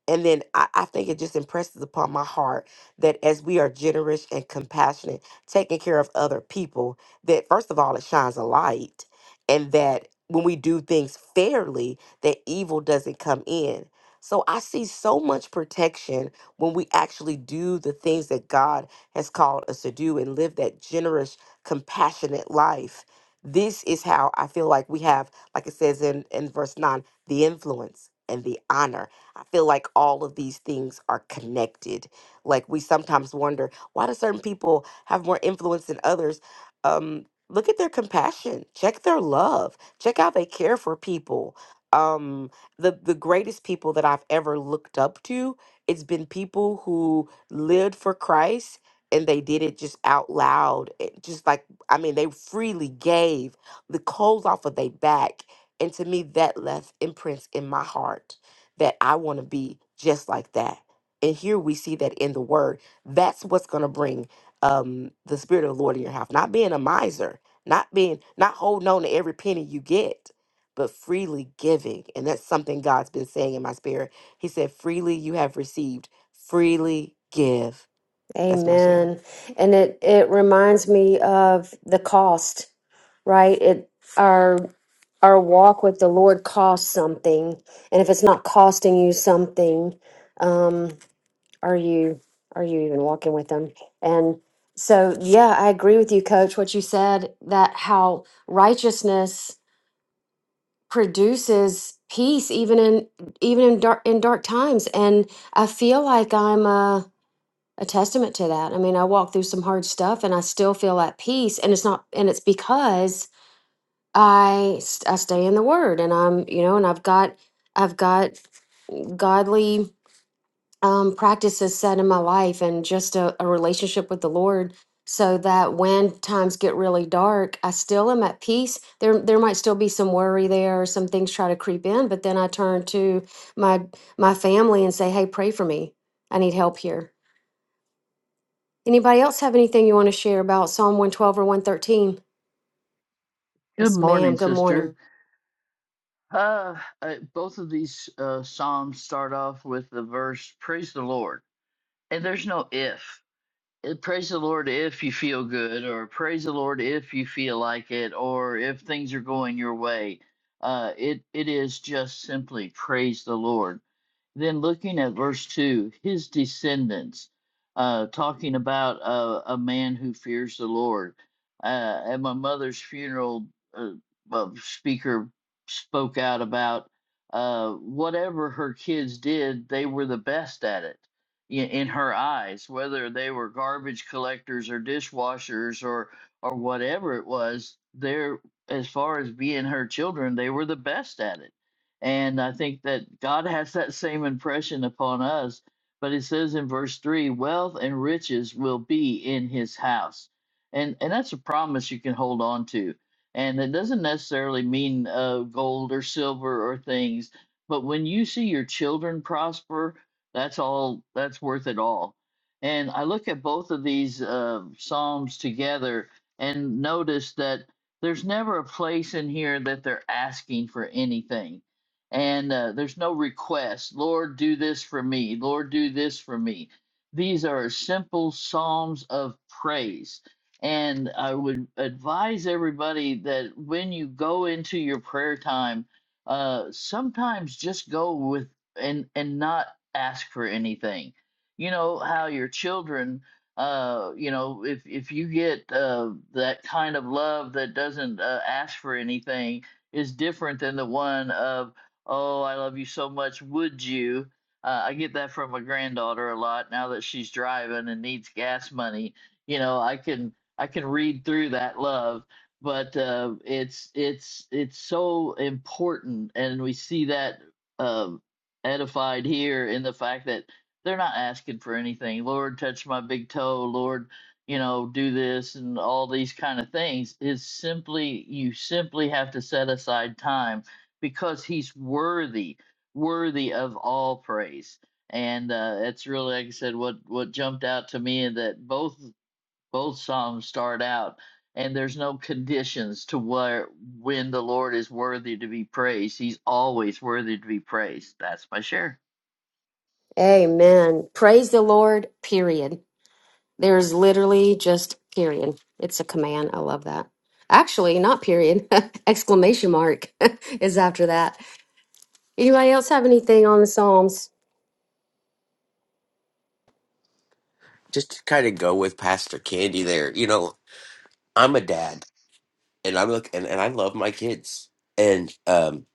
A: And then I, I think it just impresses upon my heart that as we are generous and compassionate, taking care of other people, that first of all, it shines a light. And that when we do things fairly, that evil doesn't come in. So I see so much protection when we actually do the things that God has called us to do and live that generous, compassionate life. This is how I feel like we have, like it says in, in verse 9, the influence and the honor. I feel like all of these things are connected. Like we sometimes wonder why do certain people have more influence than others? Um, look at their compassion, check their love, check how they care for people. Um, the the greatest people that I've ever looked up to it's been people who lived for Christ and they did it just out loud. It just like, I mean, they freely gave the clothes off of their back. And to me, that left imprints in my heart that I want to be just like that. And here we see that in the word. That's what's going to bring um, the Spirit of the Lord in your house. Not being a miser, not being, not holding on to every penny you get but freely giving. And that's something God's been saying in my spirit he said, Freely you have received, freely give. That's my share.
H: Amen. And it it reminds me of the cost, right? It our our walk with the Lord costs something, and if it's not costing you something, um, are you are you even walking with them? And so, yeah, I agree with you, Coach. What you said that how righteousness produces peace, even in even in dark in dark times, and I feel like I'm a a testament to that. I mean, I walk through some hard stuff, and I still feel at peace, and it's not, and it's because I s- I stay in the Word, and I'm you know, and I've got I've got godly um, practices set in my life, and just a, a relationship with the Lord, so that when times get really dark, I still am at peace. There there might still be some worry there, or some things try to creep in, but then I turn to my my family and say, Hey, pray for me. I need help here. Anybody else have anything you want to share about Psalm one twelve or one thirteen?
B: Good
H: Yes, ma'am.
B: morning,
H: Good morning.
B: sister. Uh, uh, both of these uh, psalms start off with the verse "Praise the Lord," and there's no if. Uh, praise the Lord if you feel good, or praise the Lord if you feel like it, or if things are going your way. Uh, it it is just simply praise the Lord. Then looking at verse 2, his descendants, uh, talking about uh, a man who fears the Lord. Uh, at my mother's funeral, uh, a speaker spoke out about uh, whatever her kids did, they were the best at it in, in her eyes, whether they were garbage collectors or dishwashers or, or whatever it was, they're, as far as being her children, they were the best at it and I think that God has that same impression upon us. But it says in verse 3 wealth and riches will be in his house. And, and that's a promise you can hold on to. And it doesn't necessarily mean uh, gold or silver or things, but when you see your children prosper, that's all, that's worth it all. And I look at both of these uh, Psalms together and notice that there's never a place in here that they're asking for anything and uh, there's no request lord do this for me lord do this for me these are simple psalms of praise and i would advise everybody that when you go into your prayer time uh sometimes just go with and and not ask for anything you know how your children uh you know if if you get uh that kind of love that doesn't uh, ask for anything is different than the one of Oh, I love you so much. Would you? Uh, I get that from my granddaughter a lot now that she's driving and needs gas money. You know, I can I can read through that love, but uh, it's it's it's so important, and we see that um edified here in the fact that they're not asking for anything. Lord, touch my big toe. Lord, you know, do this and all these kind of things. Is simply you simply have to set aside time because he's worthy, worthy of all praise. And uh, it's really, like I said, what what jumped out to me is that both both psalms start out, and there's no conditions to where when the Lord is worthy to be praised. He's always worthy to be praised. That's my share.
H: Amen. Praise the Lord. Period. There's literally just period. It's a command. I love that. Actually, not period. Exclamation mark is after that. Anybody else have anything on the Psalms?
G: Just to kind of go with Pastor Candy there. You know, I'm a dad and I look and, and I love my kids. And um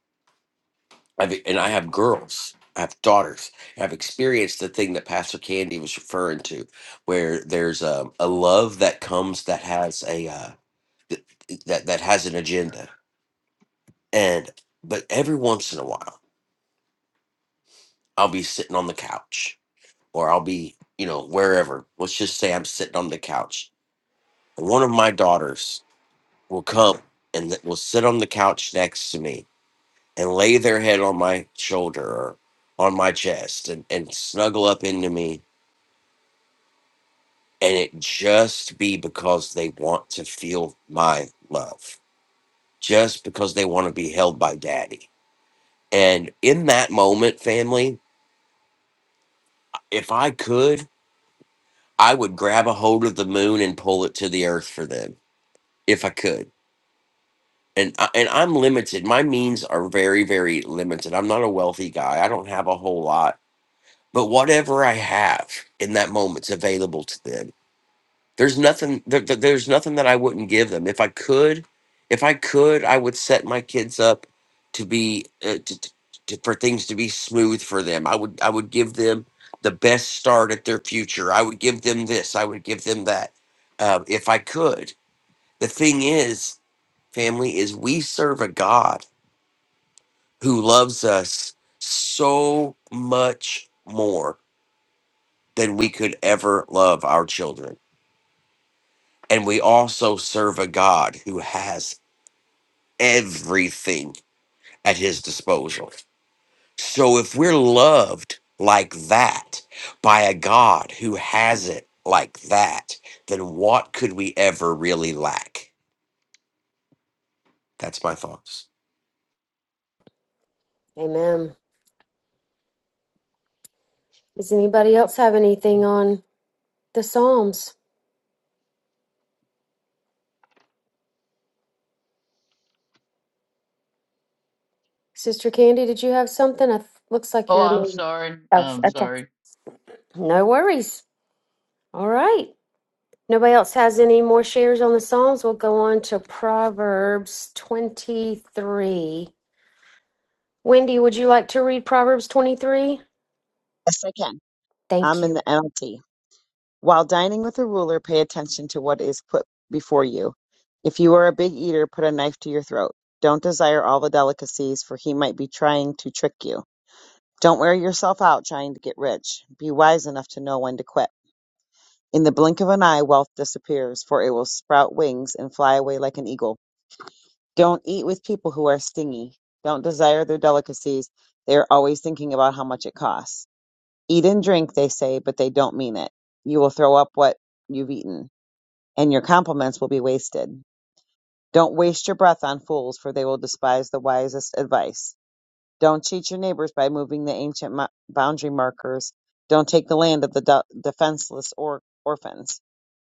G: I've and I have girls. I have daughters. I've experienced the thing that Pastor Candy was referring to, where there's um, a love that comes that has a uh, th- that that has an agenda. And but every once in a while, I'll be sitting on the couch or I'll be, you know, wherever. Let's just say I'm sitting on the couch. And one of my daughters will come and th- will sit on the couch next to me and lay their head on my shoulder or on my chest and, and snuggle up into me. And it just be because they want to feel my love, just because they want to be held by daddy. And in that moment, family, if I could, I would grab a hold of the moon and pull it to the earth for them if I could and I- and I'm limited. My means are very very limited. I'm not a wealthy guy. I don't have a whole lot, but whatever I have in that moment's available to them. There's nothing there, there- there's nothing that I wouldn't give them. If I could, if I could, I would set my kids up to be uh, to, to, to- for things to be smooth for them. I would I would give them the best start at their future. I would give them this. I would give them that. Uh, if I could. The thing is, family, is we serve a God who loves us so much more than we could ever love our children. And we also serve a God who has everything at his disposal. So if we're loved like that by a God who has it like that, then what could we ever really lack? That's my thoughts.
H: Amen. Does anybody else have anything on the Psalms? Sister Candy, did you have something? It looks like
B: Oh,
H: you're.
B: I'm sorry. I'm sorry.
H: No worries. All right. Nobody else has any more shares on the Psalms? We'll go on to Proverbs 23. Wendy, would you like to read Proverbs 23?
I: Yes, I can.
H: Thank
I: I'm in
H: you.
I: the NLT. While dining with a ruler, pay attention to what is put before you. If you are a big eater, put a knife to your throat. Don't desire all the delicacies, for he might be trying to trick you. Don't wear yourself out trying to get rich. Be wise enough to know when to quit. In the blink of an eye, wealth disappears, for it will sprout wings and fly away like an eagle. Don't eat with people who are stingy. Don't desire their delicacies. They are always thinking about how much it costs. Eat and drink, they say, but they don't mean it. You will throw up what you've eaten, and your compliments will be wasted. Don't waste your breath on fools, for they will despise the wisest advice. Don't cheat your neighbors by moving the ancient mo- boundary markers. Don't take the land of the do- defenseless or- orphans,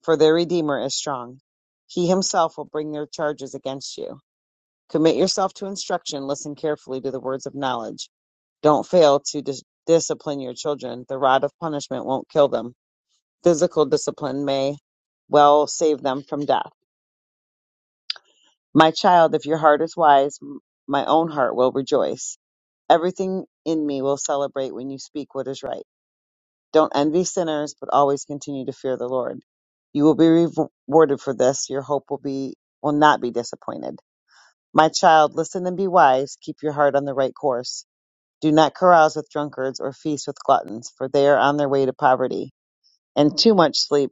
I: for their Redeemer is strong. He himself will bring their charges against you. Commit yourself to instruction. Listen carefully to the words of knowledge. Don't fail to dis- discipline your children. The rod of punishment won't kill them Physical discipline may well save them from death. My child, if your heart is wise, m- my own heart will rejoice. Everything in me will celebrate when you speak what is right. Don't envy sinners, but always continue to fear the Lord. You will be rewarded for this. Your hope will be will not be disappointed. My child, listen and be wise. Keep your heart on the right course. Do not carouse with drunkards or feast with gluttons, for they are on their way to poverty. And too much sleep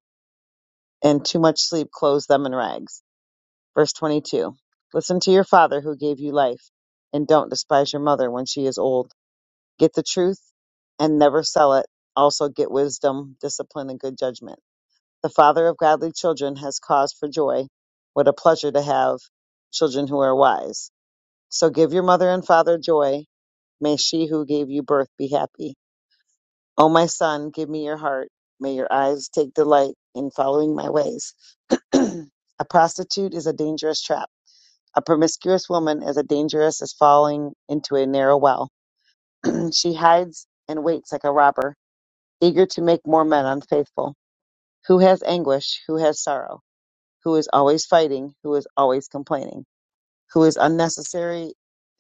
I: and too much sleep clothes them in rags. Verse 22 Listen to your father who gave you life, and don't despise your mother when she is old. Get the truth and never sell it. Also, get wisdom, discipline, and good judgment. The father of godly children has cause for joy. What a pleasure to have children who are wise. So give your mother and father joy. May she who gave you birth be happy. O my son, give me your heart. May your eyes take delight in following my ways. a prostitute is a dangerous trap a promiscuous woman is as dangerous as falling into a narrow well. she hides and waits like a robber, eager to make more men unfaithful. Who has anguish? Who has sorrow? Who is always fighting? Who is always complaining? Who is unnecessary?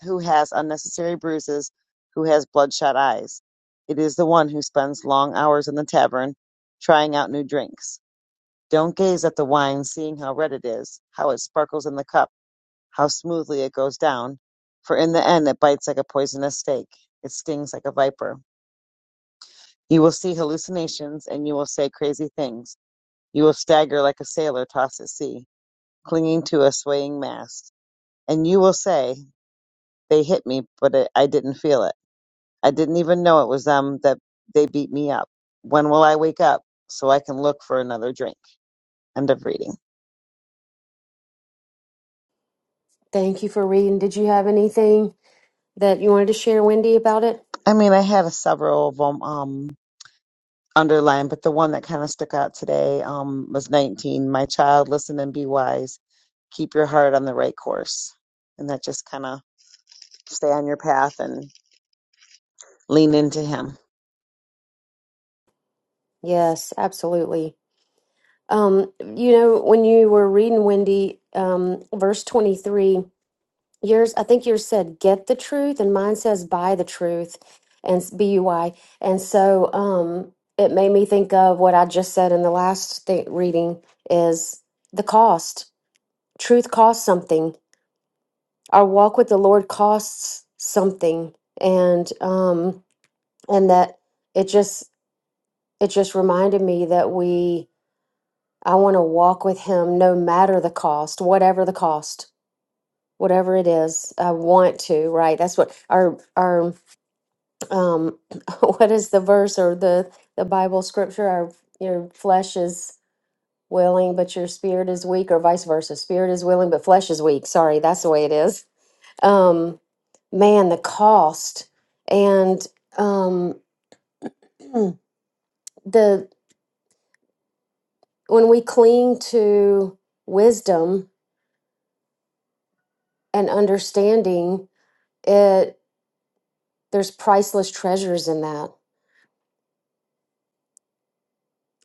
I: Who has unnecessary bruises? Who has bloodshot eyes? It is the one who spends long hours in the tavern, trying out new drinks. Don't gaze at the wine, seeing how red it is, how it sparkles in the cup how smoothly it goes down. For in the end, it bites like a poisonous snake. It stings like a viper. You will see hallucinations and you will say crazy things. You will stagger like a sailor tossed at sea, clinging to a swaying mast. And you will say, They hit me, but it, I didn't feel it. I didn't even know it was them that they beat me up. When will I wake up so I can look for another drink? End of reading.
H: Thank you for reading. Did you have anything that you wanted to share, Wendy, about it?
I: I mean, I had a several of them. Um. underlined, but the one that kind of stuck out today um, was 19. My child, listen and be wise. Keep your heart on the right course. And that just kind of stay on your path and lean into Him.
H: Yes, absolutely. Um, you know, when you were reading Wendy, um, verse 23, yours, I think yours said, get the truth, and mine says, buy the truth, and it's B-U-I. And so, um, it made me think of what I just said in the last thing, reading is the cost. Truth costs something. Our walk with the Lord costs something. And, um, and that it just it just reminded me that we i want to walk with him no matter the cost whatever the cost whatever it is i want to right that's what our our um what is the verse or the the bible scripture our your flesh is willing but your spirit is weak or vice versa spirit is willing but flesh is weak sorry that's the way it is um man the cost and um the when we cling to wisdom and understanding it there's priceless treasures in that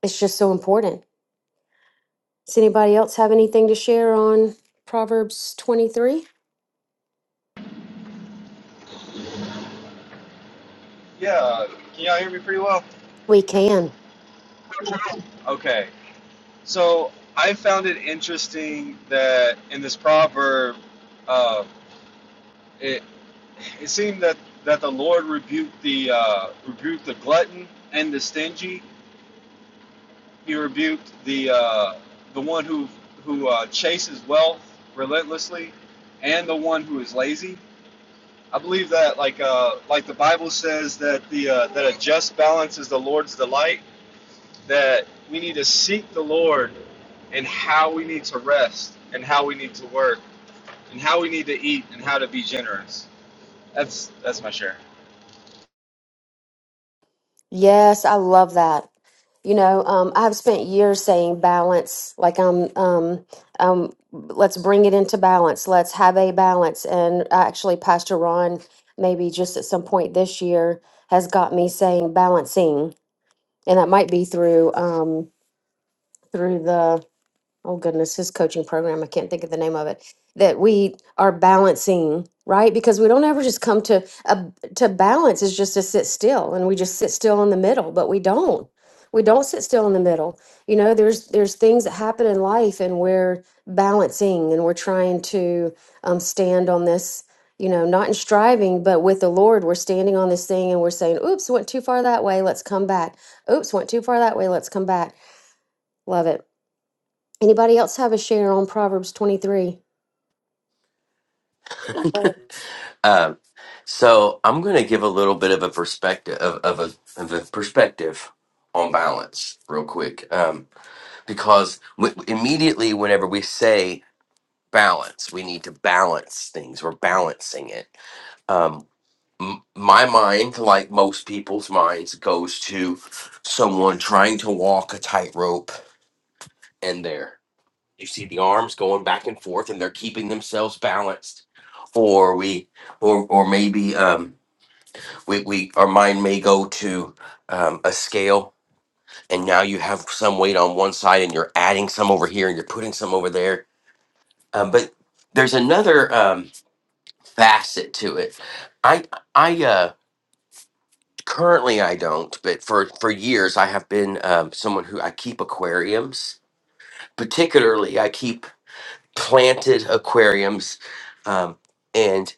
H: it's just so important does anybody else have anything to share on proverbs 23
E: Yeah. uh, Can y'all hear me pretty well?
H: we can
E: Okay. So I found it interesting that in this proverb, uh, it it seemed that that the Lord rebuked the uh, rebuked the glutton and the stingy. He rebuked the uh, the one who who uh, chases wealth relentlessly, and the one who is lazy. I believe that like uh, like the Bible says that the uh, that a just balance is the Lord's delight that we need to seek the Lord and how we need to rest and how we need to work and how we need to eat and how to be generous. That's that's my share.
H: yes i love that you know um, i've spent years saying balance like i'm um, um, let's bring it into balance let's have a balance and actually pastor ron maybe just at some point this year has got me saying balancing and that might be through um through the oh goodness, his coaching program, I can't think of the name of it, that we are balancing, right? Because we don't ever just come to a, to balance is just to sit still and we just sit still in the middle, but we don't. We don't sit still in the middle. You know, there's there's things that happen in life and we're balancing and we're trying to um, stand on this, you know, not in striving, but with the Lord, we're standing on this thing and we're saying, oops, went too far that way, let's come back. Oops, went too far that way, let's come back. Love it. Anybody else have a share on Proverbs 23?
G: Um, so I'm going to give a little bit of a perspective of, of a of a perspective on balance, real quick, um, because w- immediately whenever we say balance, we need to balance things. We're balancing it. Um, m- my mind, like most people's minds, goes to someone trying to walk a tightrope, and there you see the arms going back and forth, and they're keeping themselves balanced. Or we, or or maybe. Um, we, we our mind may go to um, a scale and now you have some weight on one side and you're adding some over here and you're putting some over there um, but there's another um, facet to it i i uh currently i don't but for for years i have been um, someone who i keep aquariums particularly i keep planted aquariums um, and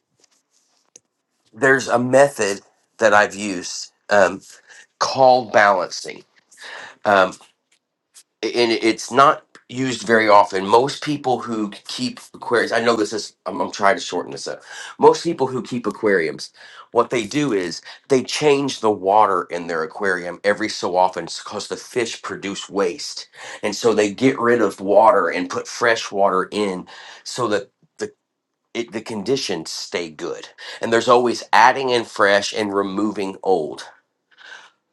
G: there's a method that i've used um, called balancing Um, and it's not used very often. Most people who keep aquariums, I know this is, I'm, I'm trying to shorten this up. Most people who keep aquariums, what they do is they change the water in their aquarium every so often because the fish produce waste. And so they get rid of water and put fresh water in so that the it, the conditions stay good and there's always adding in fresh and removing old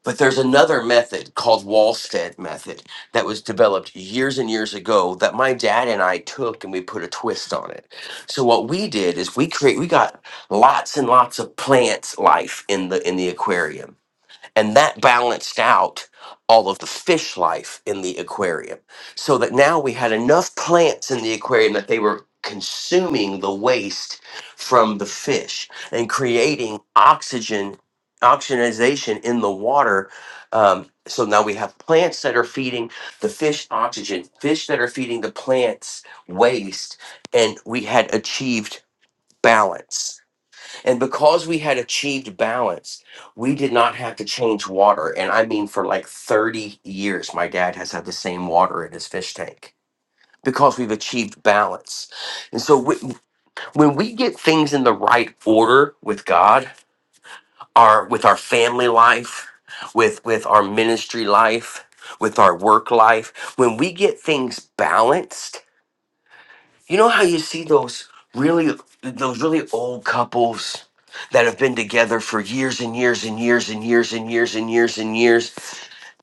G: but there's another method called Wallstead method that was developed years and years ago that my dad and I took and we put a twist on it. So what we did is we create we got lots and lots of plants life in the in the aquarium and that balanced out all of the fish life in the aquarium so that now we had enough plants in the aquarium that they were consuming the waste from the fish and creating oxygen oxygenization in the water um, so now we have plants that are feeding the fish oxygen fish that are feeding the plants waste and we had achieved balance and because we had achieved balance, we did not have to change water. And I mean, for like 30 years, my dad has had the same water in his fish tank because we've achieved balance. And so wh- when we get things in the right order with God, our with our family life, with with our ministry life, with our work life, when we get things balanced, you know how you see those really those really old couples that have been together for years and years and years and years and years and years and years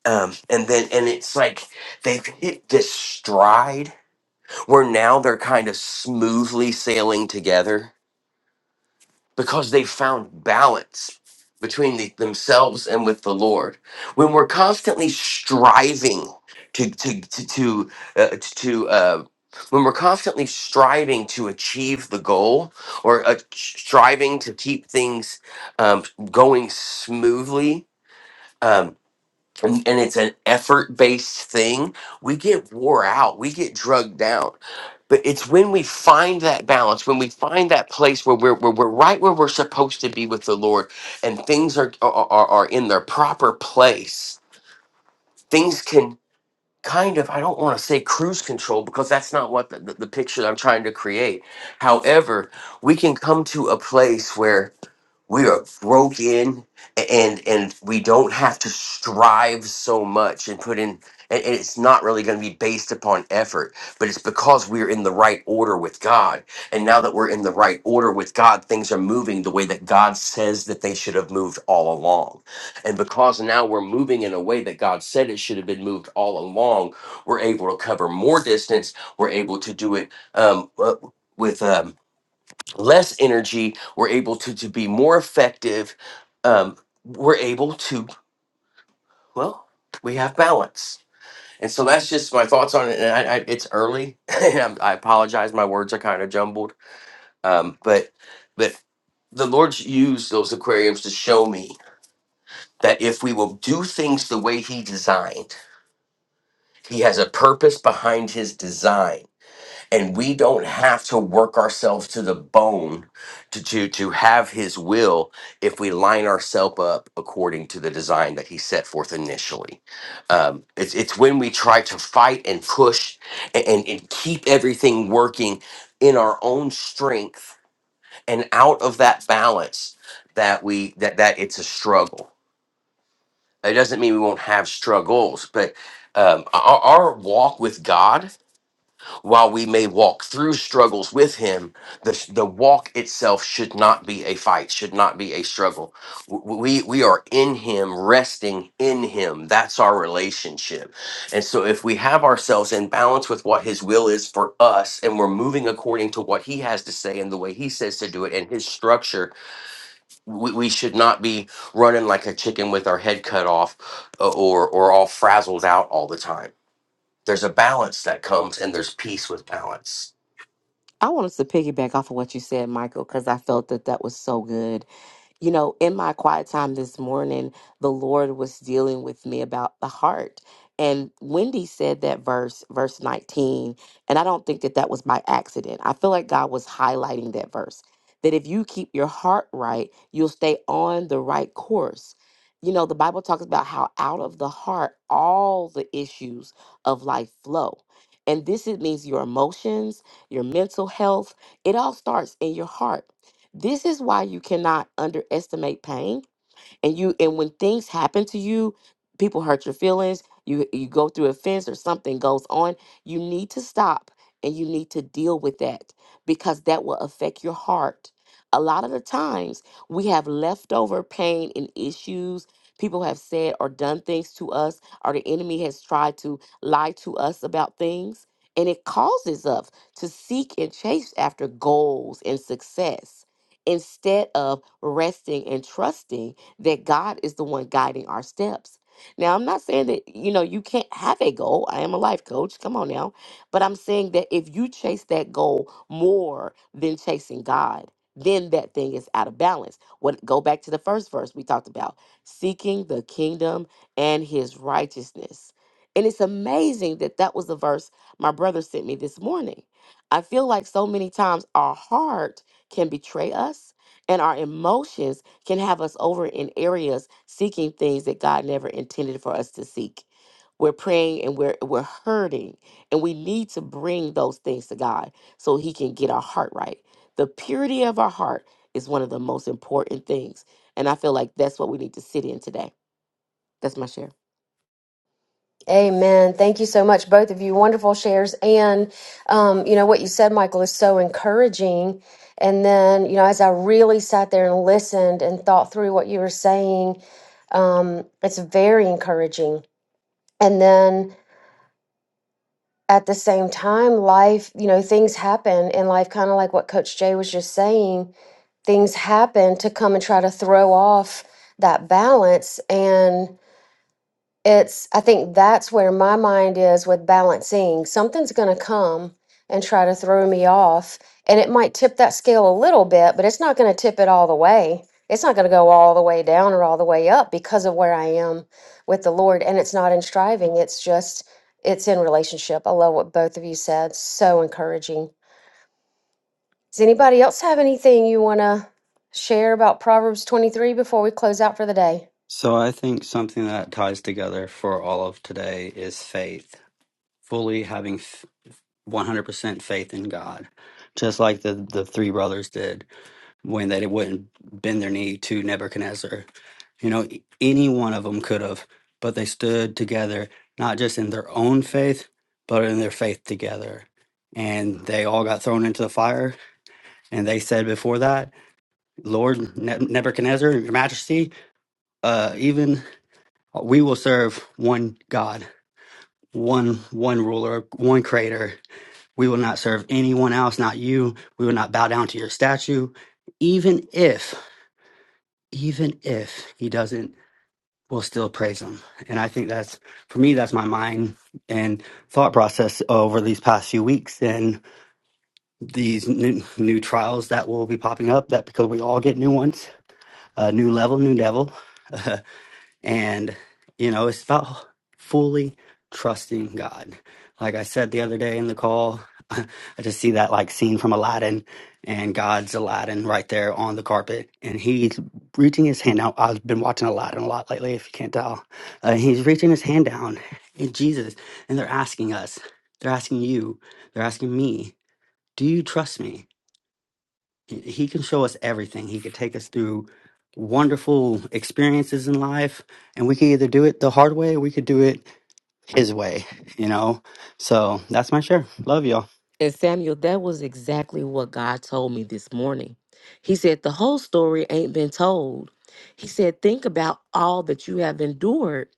G: um and then and it's like they've hit this stride where now they're kind of smoothly sailing together because they found balance between the, themselves and with the Lord. When we're constantly striving to to to to, uh, to uh, when we're constantly striving to achieve the goal or uh, striving to keep things um, going smoothly. Um, and, and it's an effort based thing, we get wore out, we get drugged down. But it's when we find that balance, when we find that place where we're, where we're right where we're supposed to be with the Lord and things are, are, are are in their proper place, things can kind of, I don't want to say cruise control because that's not what the, the, the picture that I'm trying to create. However, we can come to a place where we are broken and and we don't have to strive so much and put in and and it's not really going to be based upon effort but it's because we're in the right order with god and now that we're in the right order with god things are moving the way that god says that they should have moved all along and because now we're moving in a way that god said it should have been moved all along we're able to cover more distance we're able to do it um, uh, with um, less energy we're able to to be more effective um we're able to well we have balance and so that's just my thoughts on it and i, I it's early and I'm, i apologize my words are kind of jumbled um but but the lord's used those aquariums to show me that if we will do things the way he designed he has a purpose behind his design and we don't have to work ourselves to the bone to, to to have his will if we line ourselves up according to the design that he set forth initially um, it's, it's when we try to fight and push and, and, and keep everything working in our own strength and out of that balance that we that that it's a struggle it doesn't mean we won't have struggles but um, our, our walk with god while we may walk through struggles with him the the walk itself should not be a fight should not be a struggle W- we we are in him resting in him that's our relationship and so if we have ourselves in balance with what his will is for us and we're moving according to what he has to say and the way he says to do it and his structure we, we should not be running like a chicken with our head cut off uh, or or all frazzled out all the time there's a balance that comes and there's peace with balance
A: I want us to piggyback off of what you said, Michael, because I felt that that was so good. You know, in my quiet time this morning, the Lord was dealing with me about the heart. And Wendy said that verse, verse 19, and I don't think that that was by accident. I feel like God was highlighting that verse that if you keep your heart right, you'll stay on the right course. You know, the Bible talks about how out of the heart all the issues of life flow. And this it means your emotions, your mental health, it all starts in your heart. This is why you cannot underestimate pain and you and when things happen to you people hurt your feelings you you go through a fence or something goes on you need to stop and you need to deal with that because that will affect your heart a lot of the times we have leftover pain and issues people have said or done things to us or the enemy has tried to lie to us about things and it causes us to seek and chase after goals and success instead of resting and trusting that God is the one guiding our steps. Now, I'm not saying that, you know, you can't have a goal. I am a life coach. Come on now. But I'm saying that if you chase that goal more than chasing God, then that thing is out of balance. What go back to the first verse we talked about, seeking the kingdom and his righteousness. And it's amazing that that was the verse my brother sent me this morning. I feel like so many times our heart can betray us and our emotions can have us over in areas seeking things that God never intended for us to seek. We're praying and we're we're hurting and we need to bring those things to God so he can get our heart right. The purity of our heart is one of the most important things and I feel like that's what we need to sit in today. That's my share.
H: Amen. Thank you so much, both of you. Wonderful shares. And, um, you know, what you said, Michael, is so encouraging. And then, you know, as I really sat there and listened and thought through what you were saying, um, it's very encouraging. And then at the same time, life, you know, things happen in life, kind of like what Coach Jay was just saying, things happen to come and try to throw off that balance. And, it's i think that's where my mind is with balancing something's going to come and try to throw me off and it might tip that scale a little bit but it's not going to tip it all the way it's not going to go all the way down or all the way up because of where i am with the lord and it's not in striving it's just it's in relationship i love what both of you said so encouraging does anybody else have anything you want to share about proverbs 23 before we close out for the day
J: So I think something that ties together for all of today is faith, fully having f- 100% faith in God, just like the, the three brothers did when they wouldn't bend their knee to Nebuchadnezzar. You know, e- any one of them could have, but they stood together, not just in their own faith, but in their faith together. And they all got thrown into the fire. And they said before that, Lord Ne- Nebuchadnezzar, your majesty, uh, even We will serve one God, one one ruler, one creator. We will not serve anyone else, not you. We will not bow down to your statue, even if, even if he doesn't, we'll still praise him. And I think that's for me, that's my mind and thought process over these past few weeks and these new, new trials that will be popping up. That because we all get new ones, a new level, new devil. And, you know, it's about fully trusting God. Like I said the other day in the call, I just see that like scene from Aladdin and God's Aladdin right there on the carpet. And he's reaching his hand out. I've been watching Aladdin a lot lately, if you can't tell. Uh, he's reaching his hand down in Jesus. And they're asking us, they're asking you, they're asking me, do you trust me? he he can show us everything. He could take us through wonderful experiences in life, and we could either do it the hard way or we could do it his way, you know? So that's my share. Love y'all.
A: And Samuel, that was exactly what God told me this morning. He said, The whole story ain't been told. He said, Think about all that you have endured.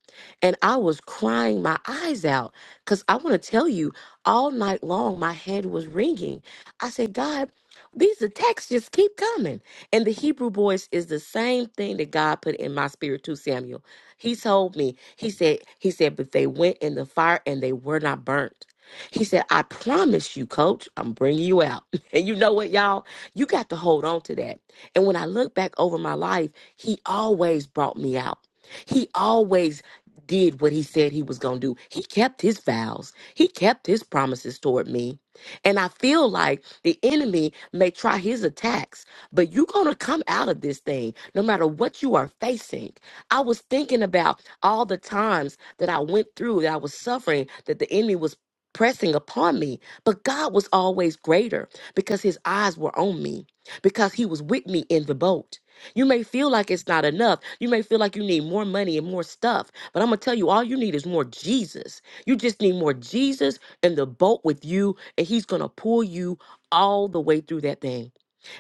A: And I was crying my eyes out because I want to tell you, all night long, my head was ringing. I said, God, these attacks just keep coming. And the Hebrew voice is the same thing that God put in my spirit too, Samuel. He told me, He said, He said, But they went in the fire and they were not burnt. He said, I promise you, coach, I'm bringing you out. And you know what, y'all? You got to hold on to that. And when I look back over my life, he always brought me out. He always did what he said he was going to do. He kept his vows, he kept his promises toward me. And I feel like the enemy may try his attacks, but you're going to come out of this thing no matter what you are facing. I was thinking about all the times that I went through that I was suffering, that the enemy was pressing upon me. But God was always greater because his eyes were on me, because he was with me in the boat. You may feel like it's not enough. You may feel like you need more money and more stuff. But I'm going to tell you, all you need is more Jesus. You just need more Jesus in the boat with you, and he's going to pull you all the way through that thing.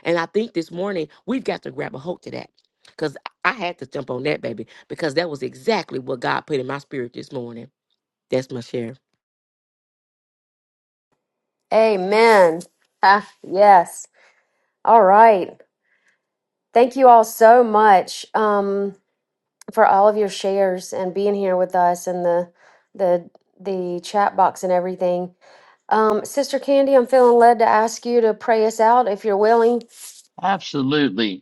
A: And I think this morning we've got to grab a hold to that because I had to jump on that, baby, because that was exactly what God put in my spirit this morning. That's my share.
H: amen ah, yes All right. Thank you all so much um, for all of your shares and being here with us and the the the chat box and everything. Um, Sister Candy, I'm feeling led to ask you to pray us out if you're willing.
B: Absolutely.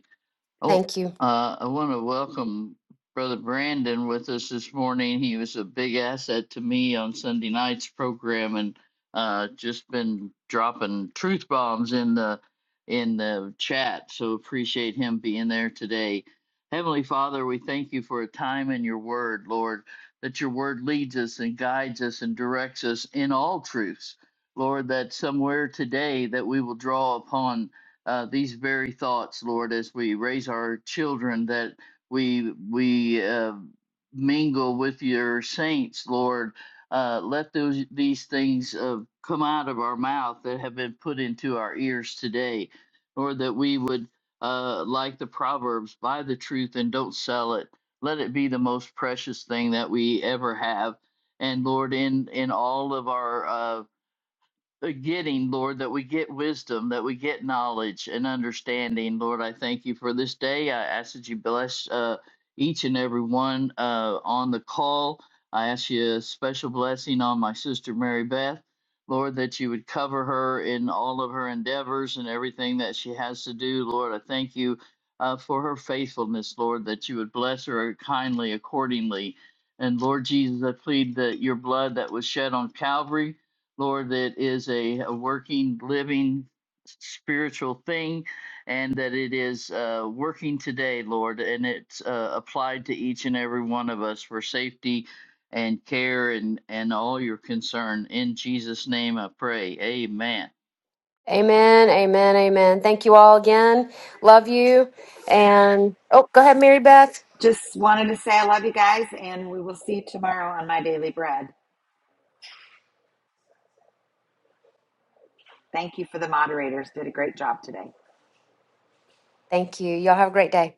B: Oh,
H: Thank you.
B: uh, I want to welcome Brother Brandon with us this morning. He was a big asset to me on Sunday night's program, and uh, just been dropping truth bombs in the in the chat. So appreciate him being there today. Heavenly Father, we thank you for a time in your word, Lord, that your word leads us and guides us and directs us in all truths. Lord, that somewhere today that we will draw upon uh, these very thoughts, Lord, as we raise our children, that we we uh, mingle with your saints, Lord. Uh, let those these things uh, come out of our mouth that have been put into our ears today, Lord, that we would uh, like the proverbs, buy the truth and don't sell it. Let it be the most precious thing that we ever have. And Lord, in in all of our uh, uh, getting, Lord, that we get wisdom, that we get knowledge and understanding. Lord, I thank you for this day. I ask that you bless uh, each and every one uh, on the call. I ask you a special blessing on my sister Mary Beth. Lord, that you would cover her in all of her endeavors and everything that she has to do. Lord, I thank you uh, for her faithfulness, Lord, that you would bless her kindly accordingly. And Lord Jesus, I plead that your blood that was shed on Calvary Lord, that is a, a working, living, spiritual thing, and that it is uh, working today, Lord, and it's uh, applied to each and every one of us for safety and care and, and all your concern. In Jesus' name I pray. Amen.
H: Amen. Amen. Amen. Thank you all again. Love you. And oh, go ahead, Mary Beth.
F: Just wanted to say I love you guys, and we will see you tomorrow on My Daily Bread. Thank you for the moderators. Did a great job today.
H: Thank you. Y'all have a great day.